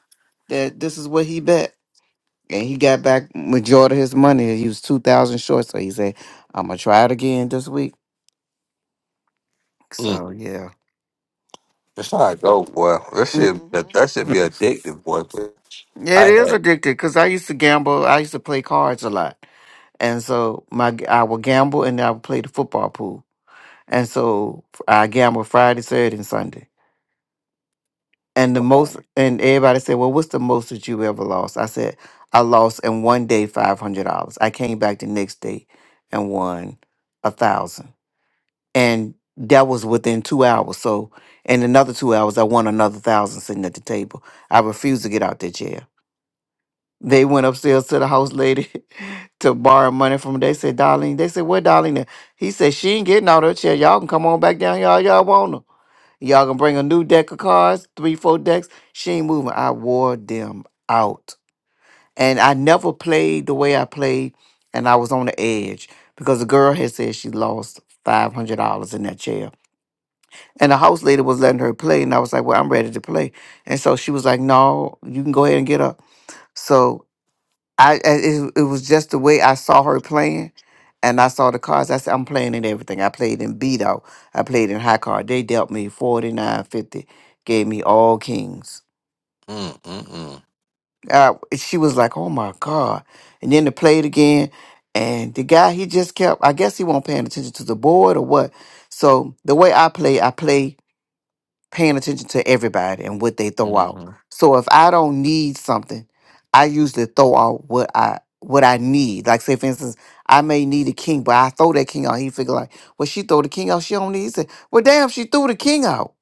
B: that this is what he bet, and he got back majority of his money. He was two thousand short, so he said, "I'm gonna try it again this week." So yeah.
A: It's not dope, boy. That
B: hmm
A: shit, that, that should be addictive, boy.
B: Yeah,
A: I
B: it is
A: had,
B: addicted because I used to gamble. I used to play cards a lot, and so my I would gamble and I would play the football pool. And so I gamble Friday, Saturday, and Sunday. And the most,
A: um,
B: and everybody said, "Well, what's the most that you ever lost?" I said, "I lost in one day five hundred dollars. I came back the next day and won a thousand, and that was within two hours. So, in another two hours, I won another thousand sitting at the table. I refused to get out that jail. They went upstairs to the house lady [laughs] to borrow money from her. They said, Darlene, they said, where Darlene? at?" He said, she ain't getting out of her chair. Y'all can come on back down here all y'all want her. Y'all gonna bring a new deck of cards, three, four decks. She ain't moving. I wore them out. And I never played the way I played, and I was on the edge because the girl had said she lost $500 in that chair. And the house lady was letting her play, and I was like, Well, I'm ready to play. And so she was like, No, you can go ahead and get up. So. I I- it, it was just the way I saw her playing, and I saw the cards. I said, I'm playing in everything. I played in beat out. I played in high card. They dealt me 49 50, gave me all kings.
A: mm, mm, mm,
B: Uh, she was like, oh my God. And then they played again, and the guy, he just kept, I guess he wasn't paying attention to the board or what. So the way I play, I play paying attention to everybody and what they throw out.
A: mm-hmm.
B: So if I don't need something, I usually throw out what I what I need. Like say for instance, I may need a king, but I throw that king out. He figure like, well, she throw the king out. She don't need. He said, well, damn, she threw the king out.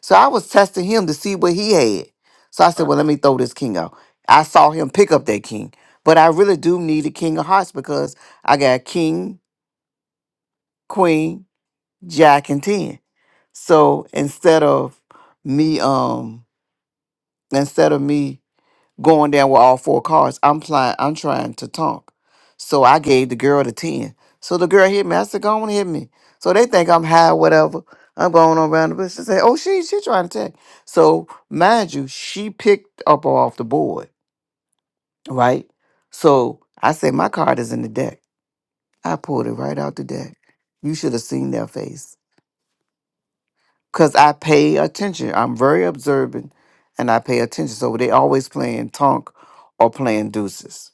B: So I was testing him to see what he had. So I said,
A: Right.
B: well, let me throw this king out. I saw him pick up that king, but I really do need a king of hearts because I got king, queen, jack, and ten. So instead of me, um instead of me going down with all four cards, I'm playing. I'm trying to talk. So I gave the girl the ten. So the girl hit me. I said, "Go on, hit me." So they think I'm high, whatever. I'm going on around the bush. They say, "Oh, she she trying to attack." So mind you, she picked up off the board, right? So I said, "My card is in the deck." I pulled it right out the deck. You should have seen their face. because I pay attention. I'm very observant and I pay attention. So they always playing Tonk or playing Deuces.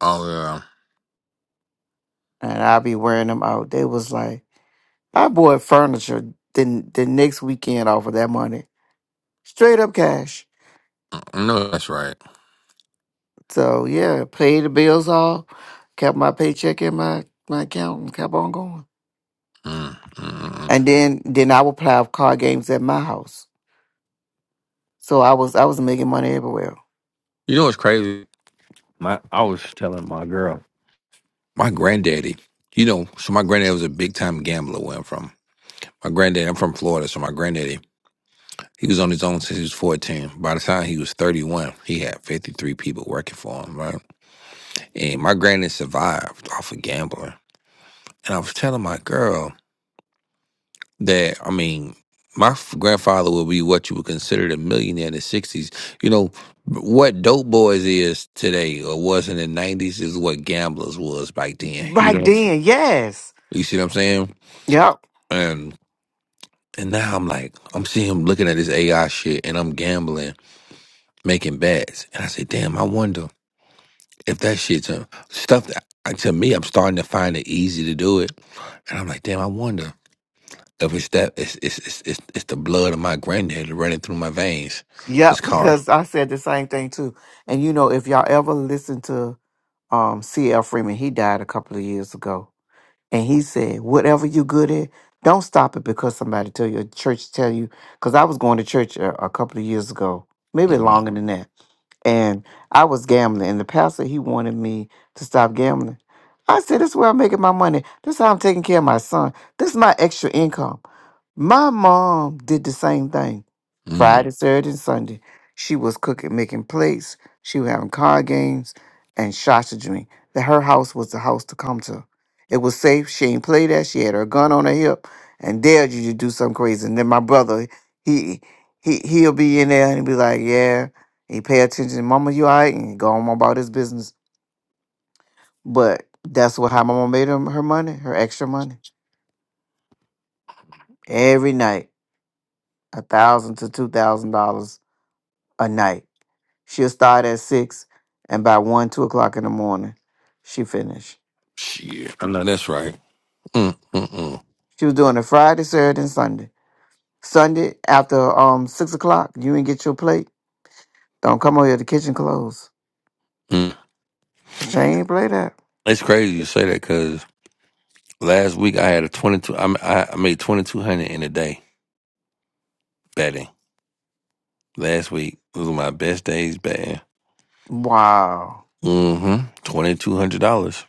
A: Oh yeah,
B: And i be wearing them out. They was like, I bought furniture the, the next weekend off of that money. Straight up cash.
A: I know that's right.
B: So yeah, paid the bills off, kept my paycheck in my, my account and kept on going.
A: Mm, mm, mm. mm.
B: And then then I would play card games at my house. So I was I was making money everywhere.
A: You know what's crazy? My, I was telling my girl, my granddaddy. You know, so my granddaddy was a big time gambler where I'm from. My granddaddy, I'm from Florida, so my granddaddy, he was on his own since he was 14. By the time he was 31, he had 53 people working for him, right? And my granddad survived off of gambling. And I was telling my girl. that I mean, my f- grandfather would be what you would consider a millionaire in the '60s. You know what dope boys is today, or was in the '90s, is what gamblers was back then. You
B: Right
A: know,
B: then, yes.
A: you see what I'm saying?
B: Yep.
A: And and now I'm like, I'm seeing him looking at this AI shit, and I'm gambling, making bets, and I say, damn, I wonder if that shit's a, stuff that. uh, To me, I'm starting to find it easy to do it, and I'm like, damn, I wonder. Of which that it's it's it's it's, it's the blood of my granddaddy running through my veins. It's
B: Yep,
A: called.
B: because I said the same thing too. And you know, if y'all ever listen to um C.L. Freeman, he died a couple of years ago, and he said, "Whatever you good at, don't stop it because somebody tell you, a church tell you." Because I was going to church a, a couple of years ago, maybe
A: Mm-hmm.
B: longer than that, and I was gambling, and the pastor he wanted me to stop gambling. I said, "This is where I'm making my money. This is how I'm taking care of my son. This is my extra income." My mom did the same thing.
A: Mm.
B: Friday, Saturday, and Sunday, she was cooking, making plates. She was having card games and shots to drink. That her house was the house to come to. It was safe. She ain't play that. She had her gun on her hip and dared you to do something crazy. And then my brother, he he he'll be in there and he'll be like, "Yeah." He pay attention. Mama, you all right? And go on about his business. But that's what how Mama made him her money, her extra money. Every night, a thousand to two thousand dollars a night. She'll start at six, and by one, two o'clock in the morning, she finished.
A: Shit, I know that's right. Mm, mm, mm,
B: She was doing it Friday, Saturday, and Sunday. Sunday after um six o'clock, you ain't get your plate. Don't come over here. The kitchen closed.
A: mm.
B: She ain't play that.
A: It's crazy you say that because last week I had a twenty two. I I I made twenty two hundred in a day betting. Last week it was my best days betting.
B: Wow.
A: Mm-hmm. Twenty two hundred dollars.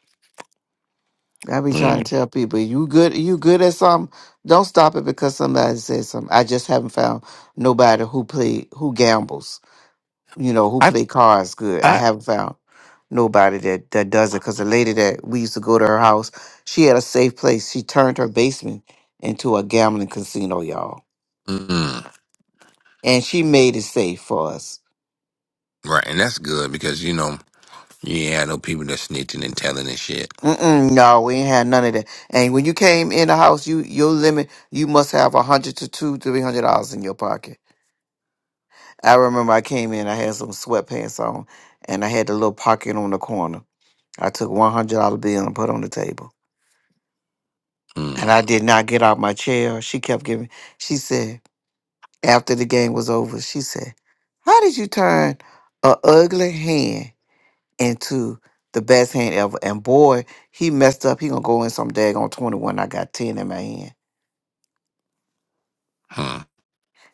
B: I be trying
A: Mm.
B: to tell people, you good, you good at something. Don't stop it because somebody says something. I just haven't found nobody who play, who gambles, you know, who
A: I
B: play cards good. I
A: I.
B: haven't found nobody that that does it. Cause the lady that we used to go to her house, she had a safe place. She turned her basement into a gambling casino, y'all,
A: Mm-mm.
B: and she made it safe for us.
A: Right, and that's good because you know you ain't had no people that snitching and telling and shit.
B: Mm-mm, no, we ain't had none of that. And when you came in the house, you your limit, you must have a hundred to two, three hundred dollars in your pocket I remember I came in, I had some sweatpants on, and I had the little pocket on the corner. I took one hundred dollar bill and put on the table.
A: Mm.
B: And I did not get out my chair. She kept giving she said, after the game was over, she said, How did you turn a ugly hand into the best hand ever? And boy, he messed up. He gonna go in some daggone twenty one. I got ten in my hand.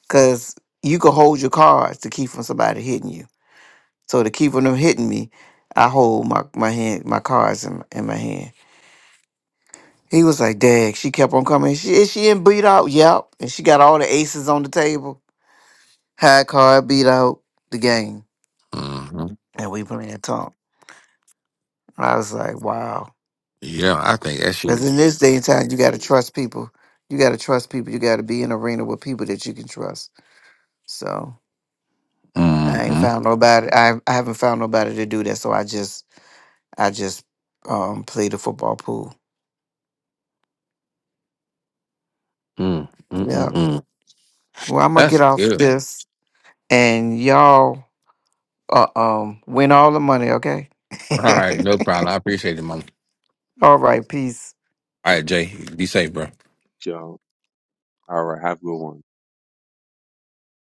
B: Cause you can hold your cards to keep from somebody hitting you. So to keep from them hitting me, I hold my my hand, my cards in, in my hand. He was like, "Dag." She kept on coming. She is she in beat out. Yep, and she got all the aces on the table. High card beat out the game,
A: Mm-hmm.
B: and we playing Tom. I was like, "Wow,"
A: Yeah, I think that shit.
B: because in this day and time, you got to trust people. You got to trust people. You got to be in an arena with people that you can trust. So I ain't
A: Mm-hmm.
B: found nobody. I I haven't found nobody to do that. So I just I just um play the football pool.
A: Mm, mm,
B: Yeah.
A: mm, mm.
B: Well, I'm gonna get
A: That's
B: off
A: good.
B: this, and y'all uh, um win all the money, okay? [laughs]
A: All right, no problem. I appreciate it, mama.
B: all right, peace.
A: All right, Jay, be safe, bro.
D: Joe. All right. Have a good one.